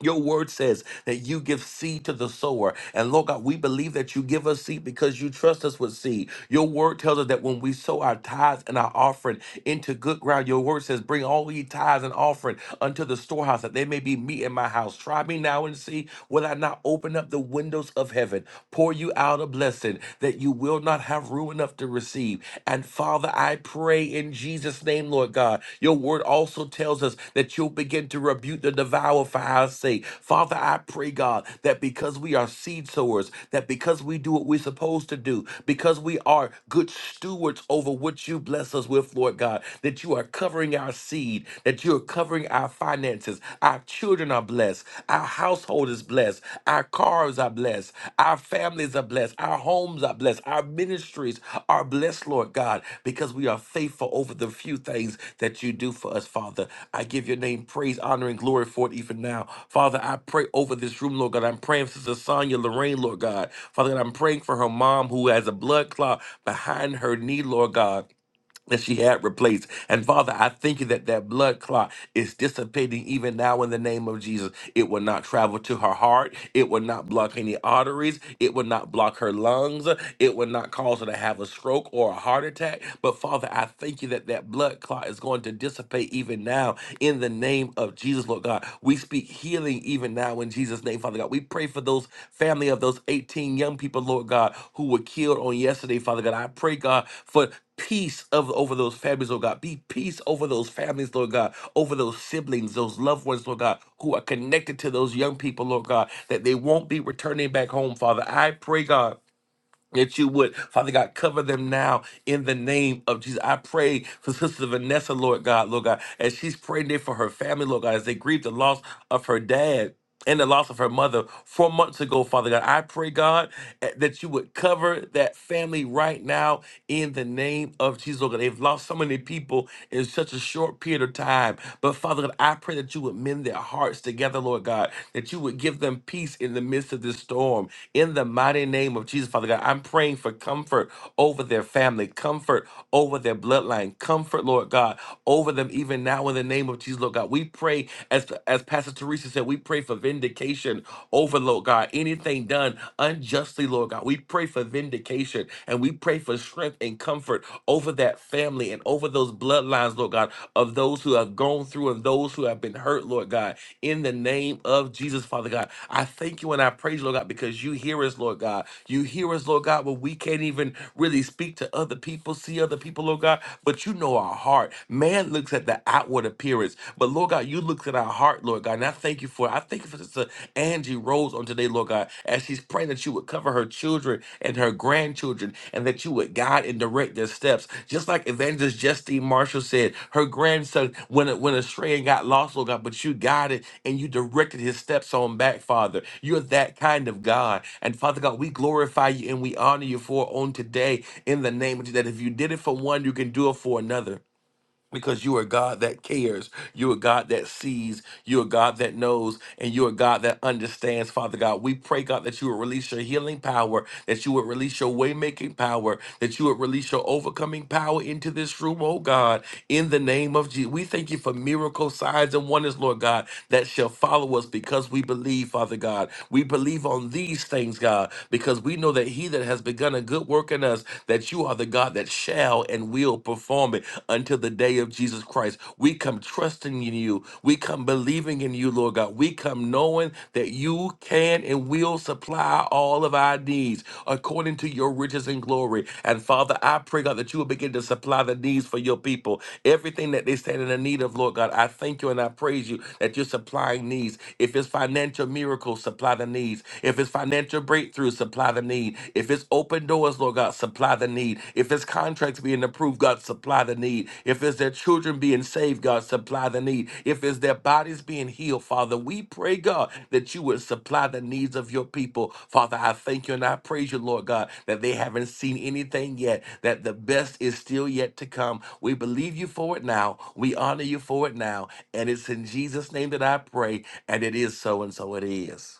Your word says that you give seed to the sower. And Lord God, we believe that you give us seed because you trust us with seed. Your word tells us that when we sow our tithes and our offering into good ground, your word says, Bring all ye tithes and offering unto the storehouse, that there may be meat in my house. Try me now and see, will I not open up the windows of heaven, pour you out a blessing that you will not have room enough to receive? And Father, I pray in Jesus' name, Lord God, your word also tells us that you'll begin to rebuke the devourer for our sake. Father, I pray, God, that because we are seed sowers, that because we do what we're supposed to do, because we are good stewards over what you bless us with, Lord God, that you are covering our seed, that you are covering our finances, our children are blessed, our household is blessed. Our cars are blessed. Our families are blessed. Our homes are blessed. Our ministries are blessed, Lord God, because we are faithful over the few things that you do for us, Father. I give your name praise, honor, and glory for it even now. Father, I pray over this room, Lord God. I'm praying for Sister Sonia Lorraine, Lord God. Father God, I'm praying for her mom who has a blood clot behind her knee, Lord God that she had replaced. And Father, I thank you that that blood clot is dissipating even now in the name of Jesus. It will not travel to her heart. It will not block any arteries. It will not block her lungs. It will not cause her to have a stroke or a heart attack. But Father, I thank you that that blood clot is going to dissipate even now in the name of Jesus, Lord God. we. We speak healing even now in Jesus' name, Father God. We pray for those family of those 18 young people, Lord God, who were killed on yesterday, Father God. I pray, God, for peace of over those families, Lord God. Be peace over those families, Lord God, over those siblings, those loved ones, Lord God, who are connected to those young people, Lord God, that they won't be returning back home, Father. I pray, God that you would, Father God, cover them now in the name of Jesus. I pray for Sister Vanessa, Lord God, Lord God, as she's praying there for her family, Lord God, as they grieve the loss of her dad and the loss of her mother four months ago, Father God. I pray, God, eh, that you would cover that family right now in the name of Jesus. Oh God, they've lost so many people in such a short period of time. But Father God, I pray that you would mend their hearts together, Lord God, that you would give them peace in the midst of this storm. In the mighty name of Jesus, Father God, I'm praying for comfort over their family, comfort over their bloodline, comfort, Lord God, over them even now in the name of Jesus, Lord God. We pray as as Pastor Teresa said, we pray for vindication over, Lord God, anything done unjustly, Lord God. We pray for vindication and we pray for strength and comfort over that family and over those bloodlines, Lord God, of those who have gone through and those who have been hurt, Lord God. In the name of Jesus, Father God, I thank you and I praise you, Lord God, because you hear us, Lord God. You hear us, Lord God, when we can't even really speak to other people, see other people, Lord God, but you know our heart. Man looks at the outward outward appearance. But Lord God, you looked at our heart, Lord God. And I thank you for it. I thank you for Sister Angie Rose on today, Lord God, as she's praying that you would cover her children and her grandchildren and that you would guide and direct their steps. Just like Evangelist Justine Marshall said, her grandson when a, when astray and got lost, Lord God, but you guided and you directed his steps on back, Father. You're that kind of God. And Father God, we glorify you and we honor you for it on today in the name of Jesus, that if you did it for one, you can do it for another because you are God that cares. You are God that sees. You are God that knows. And you are God that understands, Father God. We pray, God, that you would release your healing power, that you would release your way making power, that you would release your overcoming power into this room, oh God, in the name of Jesus. We thank you for miracle signs and wonders, Lord God, that shall follow us because we believe, Father God. We believe on these things, God, because we know that he that has begun a good work work in us that you are the God that shall and will perform it until the day of Jesus Christ. We come trusting in you. We come believing in you, Lord God. We come knowing that you can and will supply all of our needs according to your riches and glory. And Father, I pray, God, that you will begin to supply the needs for your people. Everything that they stand in the need of, Lord God, I thank you and I praise you that you're supplying needs. If it's financial miracles, supply supply the needs. If it's financial breakthrough, supply the need. If it's open doors, Lord God, supply the need. If it's contracts being approved, God, supply the need. If it's their children being saved, God, supply the need. If it's their bodies being healed, Father, we pray, God, that you would supply the needs of your people. Father, I thank you and I praise you, Lord God, that they haven't seen anything yet, that the best is still yet to come. We believe you for it now. We honor you for it now. And it's in Jesus' name that I pray. And it is so, and so it is.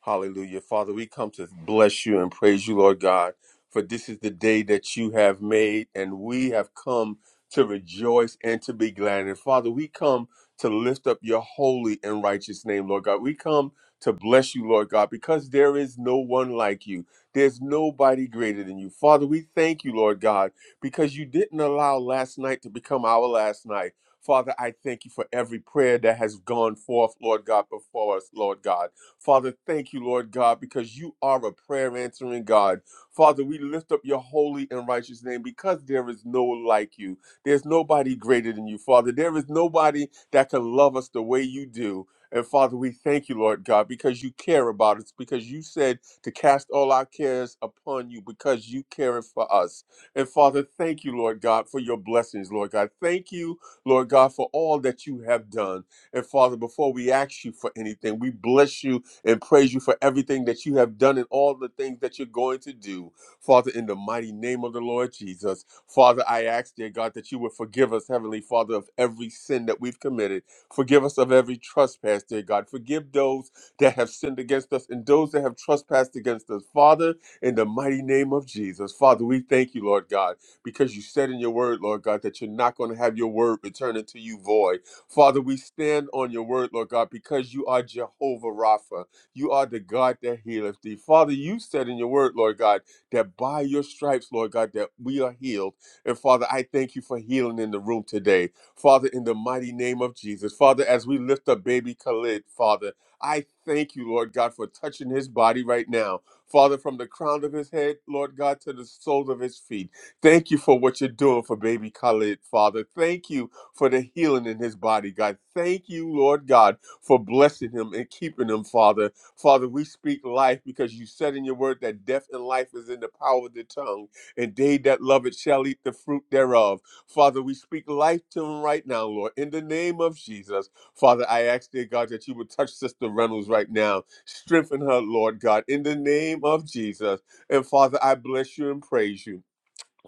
Hallelujah. Father, we come to bless you and praise you, Lord God, for this is the day that you have made, and we have come to rejoice and to be glad. And Father, we come to lift up your holy and righteous name, Lord God. We come to bless you, Lord God, because there is no one like you. There's nobody greater than you. Father, we thank you, Lord God, because you didn't allow last night to become our last night. Father, I thank you for every prayer that has gone forth, Lord God, before us, Lord God. Father, thank you, Lord God, because you are a prayer answering God. Father, we lift up your holy and righteous name because there is no like you. There's nobody greater than you, Father. There is nobody that can love us the way you do. And Father, we thank you, Lord God, because you care about us, because you said to cast all our cares upon you, because you care for us. And Father, thank you, Lord God, for your blessings, Lord God. Thank you, Lord God, for all that you have done. And Father, before we ask you for anything, we bless you and praise you for everything that you have done and all the things that you're going to do. Father, in the mighty name of the Lord Jesus, Father, I ask, dear God, that you would forgive us, Heavenly Father, of every sin that we've committed. Forgive us of every trespass, dear God. Forgive those that have sinned against us and those that have trespassed against us. Father, in the mighty name of Jesus, Father, we thank you, Lord God, because you said in your word, Lord God, that you're not going to have your word return unto you void. Father, we stand on your word, Lord God, because you are Jehovah Rapha. You are the God that healeth thee. Father, you said in your word, Lord God, that by your stripes, Lord God, that we are healed. And Father, I thank you for healing in the room today. Father, in the mighty name of Jesus. Father, as we lift up baby Khalid, Father, I thank you, Lord God, for touching his body right now. Father, from the crown of his head, Lord God, to the soles of his feet. Thank you for what you're doing for baby Khalid, Father. Thank you for the healing in his body, God. Thank you, Lord God, for blessing him and keeping him, Father. Father, we speak life because you said in your word that death and life is in the power of the tongue, and they that love it shall eat the fruit thereof. Father, we speak life to them right now, Lord, in the name of Jesus. Father, I ask, dear God, that you would touch Sister Reynolds right now. Strengthen her, Lord God, in the name of Jesus. And Father, I bless you and praise you.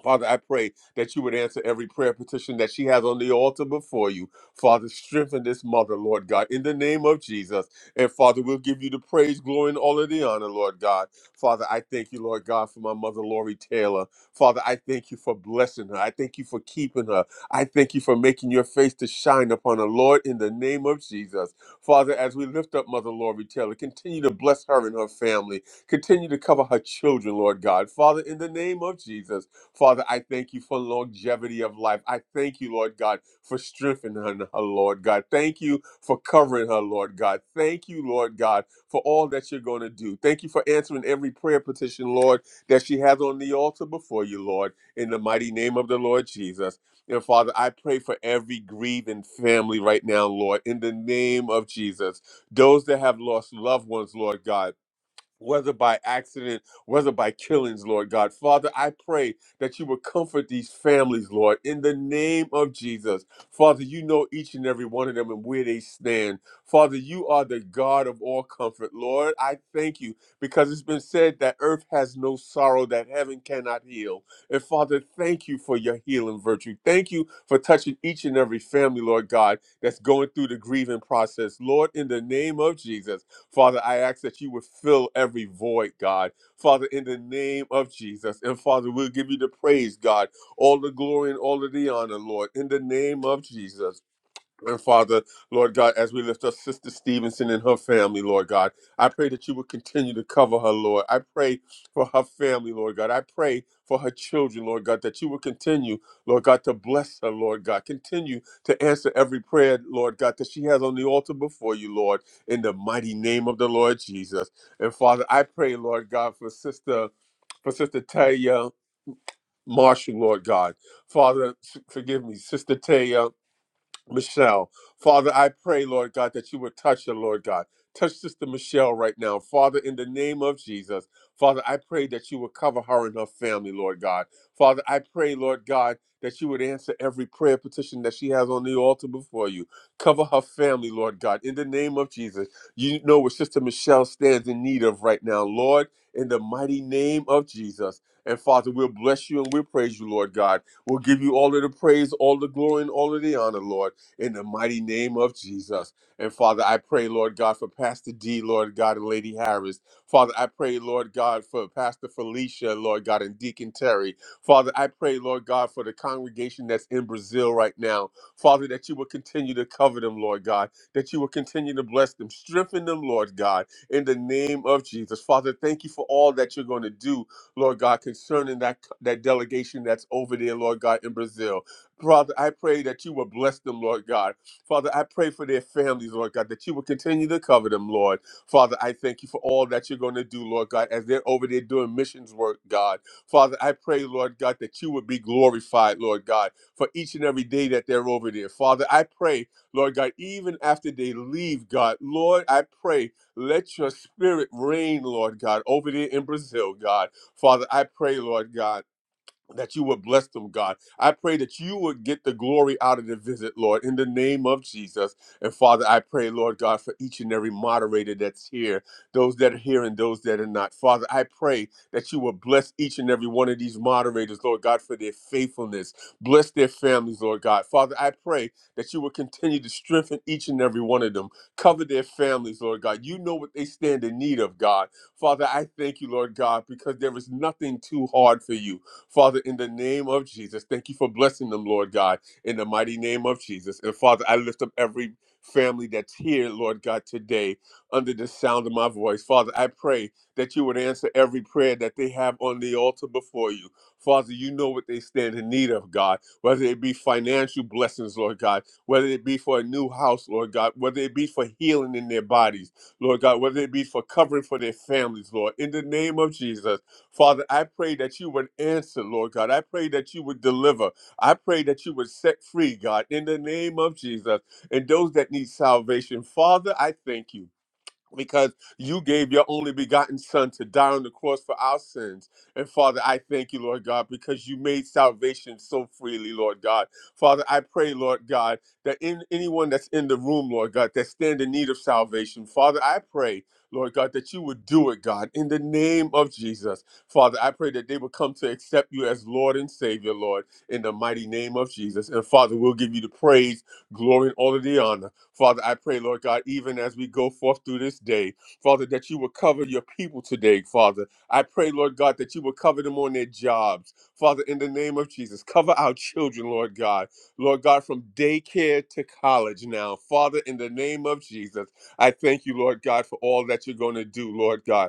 Father, I pray that you would answer every prayer petition that she has on the altar before you. Father, strengthen this mother, Lord God, in the name of Jesus. And Father, we'll give you the praise, glory, and all of the honor, Lord God. Father, I thank you, Lord God, for my mother, Lori Taylor. Father, I thank you for blessing her. I thank you for keeping her. I thank you for making your face to shine upon her, Lord, in the name of Jesus. Father, as we lift up Mother Lori Taylor, continue to bless her and her family. Continue to cover her children, Lord God. Father, in the name of Jesus. Father, I thank you for longevity of life. I thank you, Lord God, for strengthening her, her, Lord God. Thank you for covering her, Lord God. Thank you, Lord God, for all that you're going to do. Thank you for answering every prayer petition, Lord, that she has on the altar before you, Lord, in the mighty name of the Lord Jesus. And Father, I pray for every grieving family right now, Lord, in the name of Jesus. Those that have lost loved ones, Lord God whether by accident, whether by killings, Lord God. Father, I pray that you would comfort these families, Lord, in the name of Jesus. Father, you know each and every one of them and where they stand. Father, you are the God of all comfort, Lord. I thank you because it's been said that earth has no sorrow that heaven cannot heal. And Father, thank you for your healing virtue. Thank you for touching each and every family, Lord God, that's going through the grieving process. Lord, in the name of Jesus. Father, I ask that you would fill every void, God. Father, in the name of Jesus. And Father, we'll give you the praise, God, all the glory and all of the honor, Lord, in the name of Jesus. And Father, Lord God, as we lift up Sister Stevenson and her family, Lord God, I pray that you would continue to cover her, Lord. I pray for her family, Lord God. I pray for her children, Lord God, that you would continue, Lord God, to bless her, Lord God. Continue to answer every prayer, Lord God, that she has on the altar before you, Lord, in the mighty name of the Lord Jesus. And Father, I pray, Lord God, for Sister, for Sister Taya Marshall, Lord God. Father, s- forgive me, Sister Taya. Michelle. Father, I pray, Lord God, that you would touch her, Lord God. Touch Sister Michelle right now. Father, in the name of Jesus, Father, I pray that you would cover her and her family, Lord God. Father, I pray, Lord God, that you would answer every prayer petition that she has on the altar before you. Cover her family, Lord God, in the name of Jesus. You know what Sister Michelle stands in need of right now, Lord, in the mighty name of Jesus. And Father, we'll bless you and we'll praise you, Lord God. We'll give you all of the praise, all the glory, and all of the honor, Lord in the mighty name of Jesus. And Father, I pray, Lord God, for Pastor D, Lord God, and Lady Harris. Father, I pray, Lord God, for Pastor Felicia, Lord God, and Deacon Terry. Father, I pray, Lord God, for the congregation that's in Brazil right now. Father, that you will continue to cover them, Lord God, that you will continue to bless them, strengthen them, Lord God, in the name of Jesus. Father, thank you for all that you're going to do, Lord God, concerning that, that delegation that's over there, Lord God, in Brazil. Father, I pray that you will bless them, Lord God. Father, I pray for their families, Lord God, that you will continue to cover them, Lord. Father, I thank you for all that you're going to do, Lord God, as they're over there doing missions work, God. Father, I pray, Lord God, that you would be glorified, Lord God, for each and every day that they're over there. Father, I pray, Lord God, even after they leave, God, Lord, I pray, let your spirit reign, Lord God, over there in Brazil, God. Father, I pray, Lord God that you would bless them, God. I pray that you would get the glory out of the visit, Lord, in the name of Jesus. And Father, I pray, Lord God, for each and every moderator that's here, those that are here and those that are not. Father, I pray that you would bless each and every one of these moderators, Lord God, for their faithfulness. Bless their families, Lord God. Father, I pray that you would continue to strengthen each and every one of them. Cover their families, Lord God. You know what they stand in need of, God. Father, I thank you, Lord God, because there is nothing too hard for you. Father, in the name of Jesus, thank you for blessing them, Lord God, in the mighty name of Jesus. And Father, I lift up every family that's here, Lord God, today under the sound of my voice. Father, I pray that you would answer every prayer that they have on the altar before you. Father, you know what they stand in need of, God, whether it be financial blessings, Lord God, whether it be for a new house, Lord God, whether it be for healing in their bodies, Lord God, whether it be for covering for their families, Lord, in the name of Jesus. Father, I pray that you would answer, Lord God. I pray that you would deliver. I pray that you would set free, God, in the name of Jesus and those that need salvation. Father, I thank you because you gave your only begotten son to die on the cross for our sins. And Father, I thank you, Lord God, because you made salvation so freely, Lord God. Father, I pray, Lord God, that in anyone that's in the room, Lord God, that stand in need of salvation, Father, I pray. Lord God, that you would do it, God, in the name of Jesus. Father, I pray that they would come to accept you as Lord and Savior, Lord, in the mighty name of Jesus. And Father, we'll give you the praise, glory, and all of the honor. Father, I pray, Lord God, even as we go forth through this day, Father, that you will cover your people today, Father. I pray, Lord God, that you will cover them on their jobs. Father, in the name of Jesus, cover our children, Lord God. Lord God, from daycare to college now. Father, in the name of Jesus, I thank you, Lord God, for all that you're going to do, Lord God.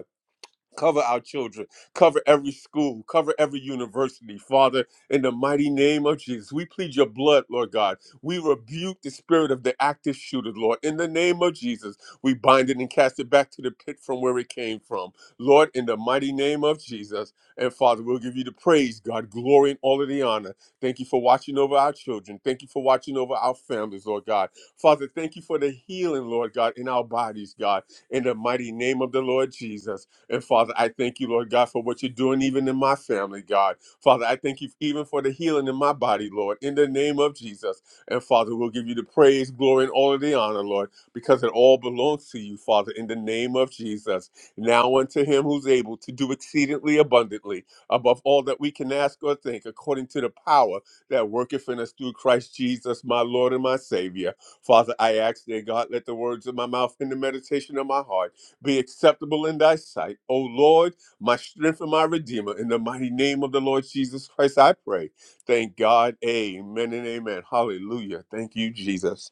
Cover our children. Cover every school. Cover every university. Father, in the mighty name of Jesus, we plead your blood, Lord God. We rebuke the spirit of the active shooter, Lord. In the name of Jesus, we bind it and cast it back to the pit from where it came from. Lord, in the mighty name of Jesus. And Father, we'll give you the praise, God, glory, and all of the honor. Thank you for watching over our children. Thank you for watching over our families, Lord God. Father, thank you for the healing, Lord God, in our bodies, God. In the mighty name of the Lord Jesus. And Father, I thank you, Lord God, for what you're doing even in my family, God. Father, I thank you even for the healing in my body, Lord, in the name of Jesus. And Father, we'll give you the praise, glory, and all of the honor, Lord, because it all belongs to you, Father, in the name of Jesus. Now unto him who's able to do exceedingly abundantly above all that we can ask or think, according to the power that worketh in us through Christ Jesus, my Lord and my Savior. Father, I ask, dear God, let the words of my mouth and the meditation of my heart be acceptable in thy sight. O Lord, my strength and my redeemer, in the mighty name of the Lord Jesus Christ, I pray. Thank God. Amen and amen. Hallelujah. Thank you, Jesus.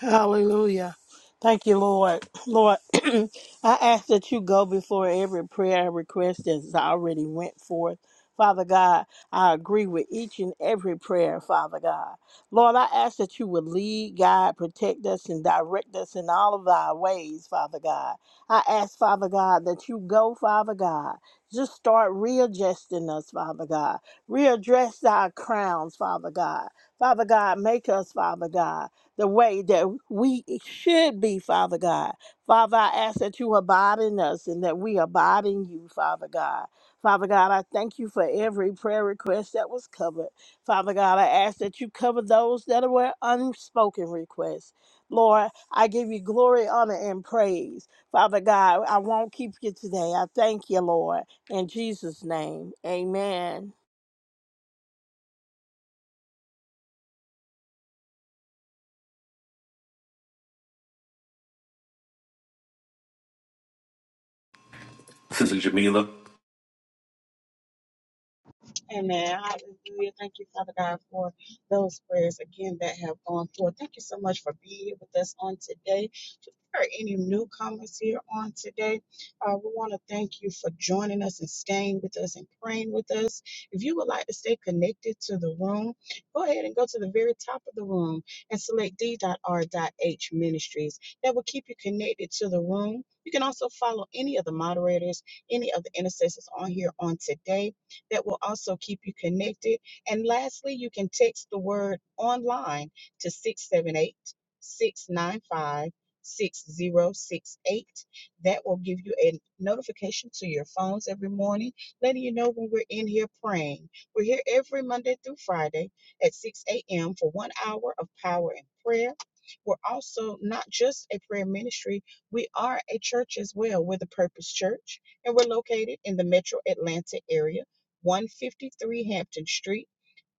Hallelujah. Thank you, Lord. Lord, I ask that you go before every prayer request that's already went forth. Father God, I agree with each and every prayer, Father God. Lord, I ask that you would lead, guide, protect us, and direct us in all of our ways, Father God. I ask, Father God, that you go, Father God. Just start readjusting us, Father God. Readdress our crowns, Father God. Father God, make us, Father God the way that we should be, Father God. Father, I ask that you abide in us and that we abide in you, Father God. Father God, I thank you for every prayer request that was covered. Father God, I ask that you cover those that were unspoken requests. Lord, I give you glory, honor, and praise. Father God, I won't keep you today. I thank you, Lord. In Jesus' name, amen. Sister Jamila, Amen. Hallelujah. Thank you, Father God, for those prayers again that have gone forth. Thank you so much for being here with us on today. If there are any newcomers here on today, uh, we want to thank you for joining us and staying with us and praying with us. If you would like to stay connected to the room, go ahead and go to the very top of the room and select d.r.h ministries. That will keep you connected to the room. You can also follow any of the moderators, any of the intercessors on here on today that will also keep you connected. And lastly, you can text the word online to 678 695 6068. That will give you a notification to your phones every morning, letting you know when we're in here praying. We're here every Monday through Friday at 6 a.m. for one hour of power and prayer. We're also not just a prayer ministry, we are a church as well. We're the Purpose Church, and we're located in the metro Atlanta area. 153 Hampton Street,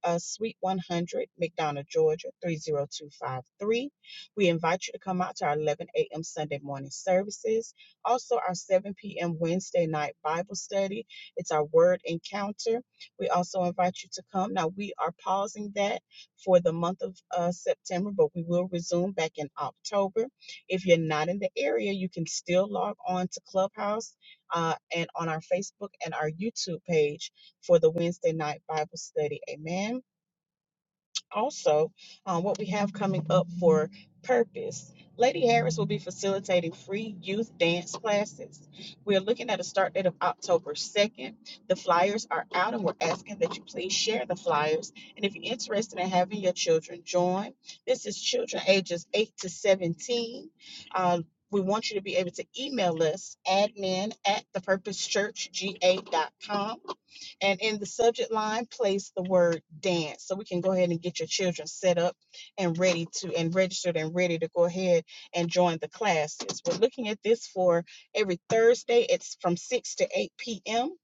uh, Suite 100, McDonough, Georgia, 30253. We invite you to come out to our 11 a.m. Sunday morning services. Also, our 7 p.m. Wednesday night Bible study. It's our word encounter. We also invite you to come. Now, we are pausing that for the month of uh, September, but we will resume back in October. If you're not in the area, you can still log on to Clubhouse uh, and on our Facebook and our YouTube page for the Wednesday night Bible study. Amen. Also, um, what we have coming up for purpose. Lady Harris will be facilitating free youth dance classes. We are looking at a start date of October 2nd. The flyers are out, and we're asking that you please share the flyers. And if you're interested in having your children join, this is children ages 8 to 17. Uh, we want you to be able to email us admin at the purpose church g a dot com. And in the subject line, place the word dance. So we can go ahead and get your children set up and ready to and registered and ready to go ahead and join the classes. We're looking at this for every Thursday. It's from 6 to 8 p.m.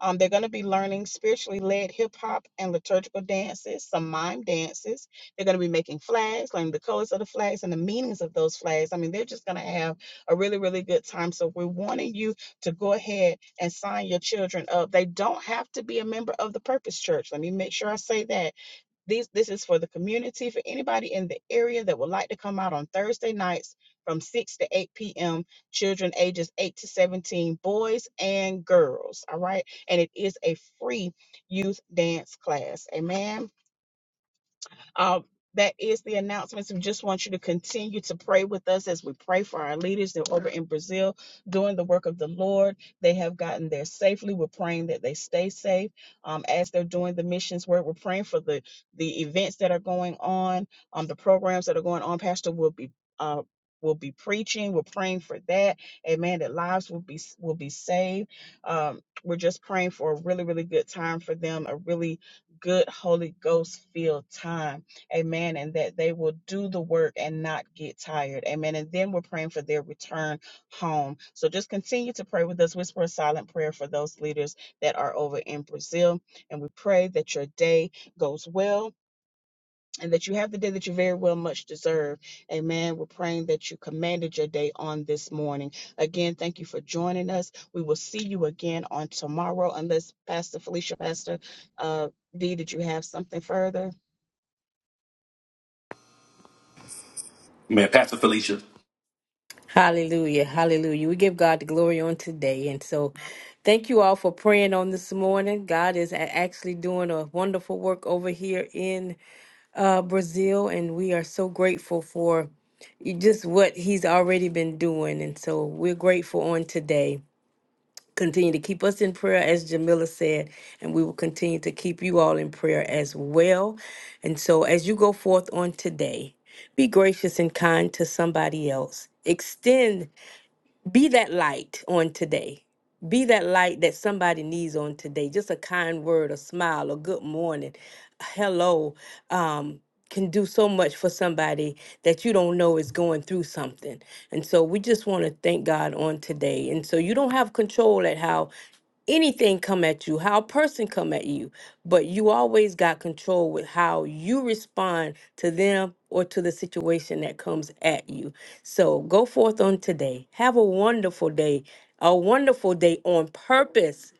Um, they're going to be learning spiritually led hip hop and liturgical dances, some mime dances. They're going to be making flags, learning the colors of the flags and the meanings of those flags. I mean, they're just going to have a really, really good time. So we're wanting you to go ahead and sign your children up. They don't have to be a member of the Purpose Church. Let me make sure I say that. These this is for the community, for anybody in the area that would like to come out on Thursday nights from 6 to 8 p.m. Children ages 8 to 17, boys and girls. All right. And it is a free youth dance class. Amen. Uh, that is the announcements. We just want you to continue to pray with us as we pray for our leaders. They're over in Brazil doing the work of the Lord. They have gotten there safely. We're praying that they stay safe um, as they're doing the missions work. We're praying for the the events that are going on, um, the programs that are going on. Pastor will be uh, will be preaching. We're praying for that. Amen. That lives will be will be saved. Um, we're just praying for a really really good time for them. A really good Holy Ghost filled time Amen. And that they will do the work and not get tired. Amen. And then we're praying for their return home. So just continue to pray with us. Whisper a silent prayer for those leaders that are over in Brazil. And we pray that your day goes well and that you have the day that you very well much deserve. Amen. We're praying that you commanded your day on this morning. Again, thank you for joining us. We will see you again on tomorrow, unless Pastor Felicia, Pastor uh, D, did you have something further? man, Pastor Felicia. Hallelujah. Hallelujah. We give God the glory on today. And so thank you all for praying on this morning. God is a- actually doing a wonderful work over here in uh, Brazil. And we are so grateful for you- just what he's already been doing. And so we're grateful on today. Continue to keep us in prayer, as Jamila said, and we will continue to keep you all in prayer as well. And so, as you go forth on today, be gracious and kind to somebody else. Extend be that light on today. Be that light that somebody needs on today. Just a kind word, a smile, a good morning, a hello, um, can do so much for somebody that you don't know is going through something. And so we just want to thank God on today. And so you don't have control at how anything come at you, how a person come at you, but you always got control with how you respond to them or to the situation that comes at you. So go forth on today. Have a wonderful day. A wonderful day on purpose.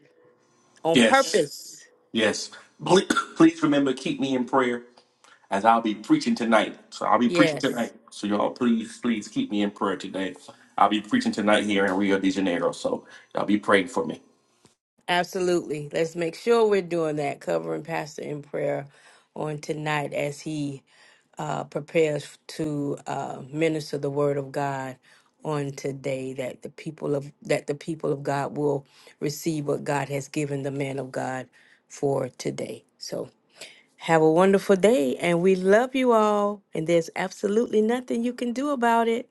On Yes, purpose. yes. Ple- Please remember, keep me in prayer as I'll be preaching tonight. So I'll be preaching Yes. tonight. So y'all, please, please keep me in prayer today. I'll be preaching tonight here in Rio de Janeiro. So y'all be praying for me. Absolutely. Let's make sure we're doing that, covering Pastor in prayer on tonight as he uh, prepares to uh, minister the word of God on today that the people of that the people of God will receive what God has given the man of God for today. So have a wonderful day and we love you all and there's absolutely nothing you can do about it.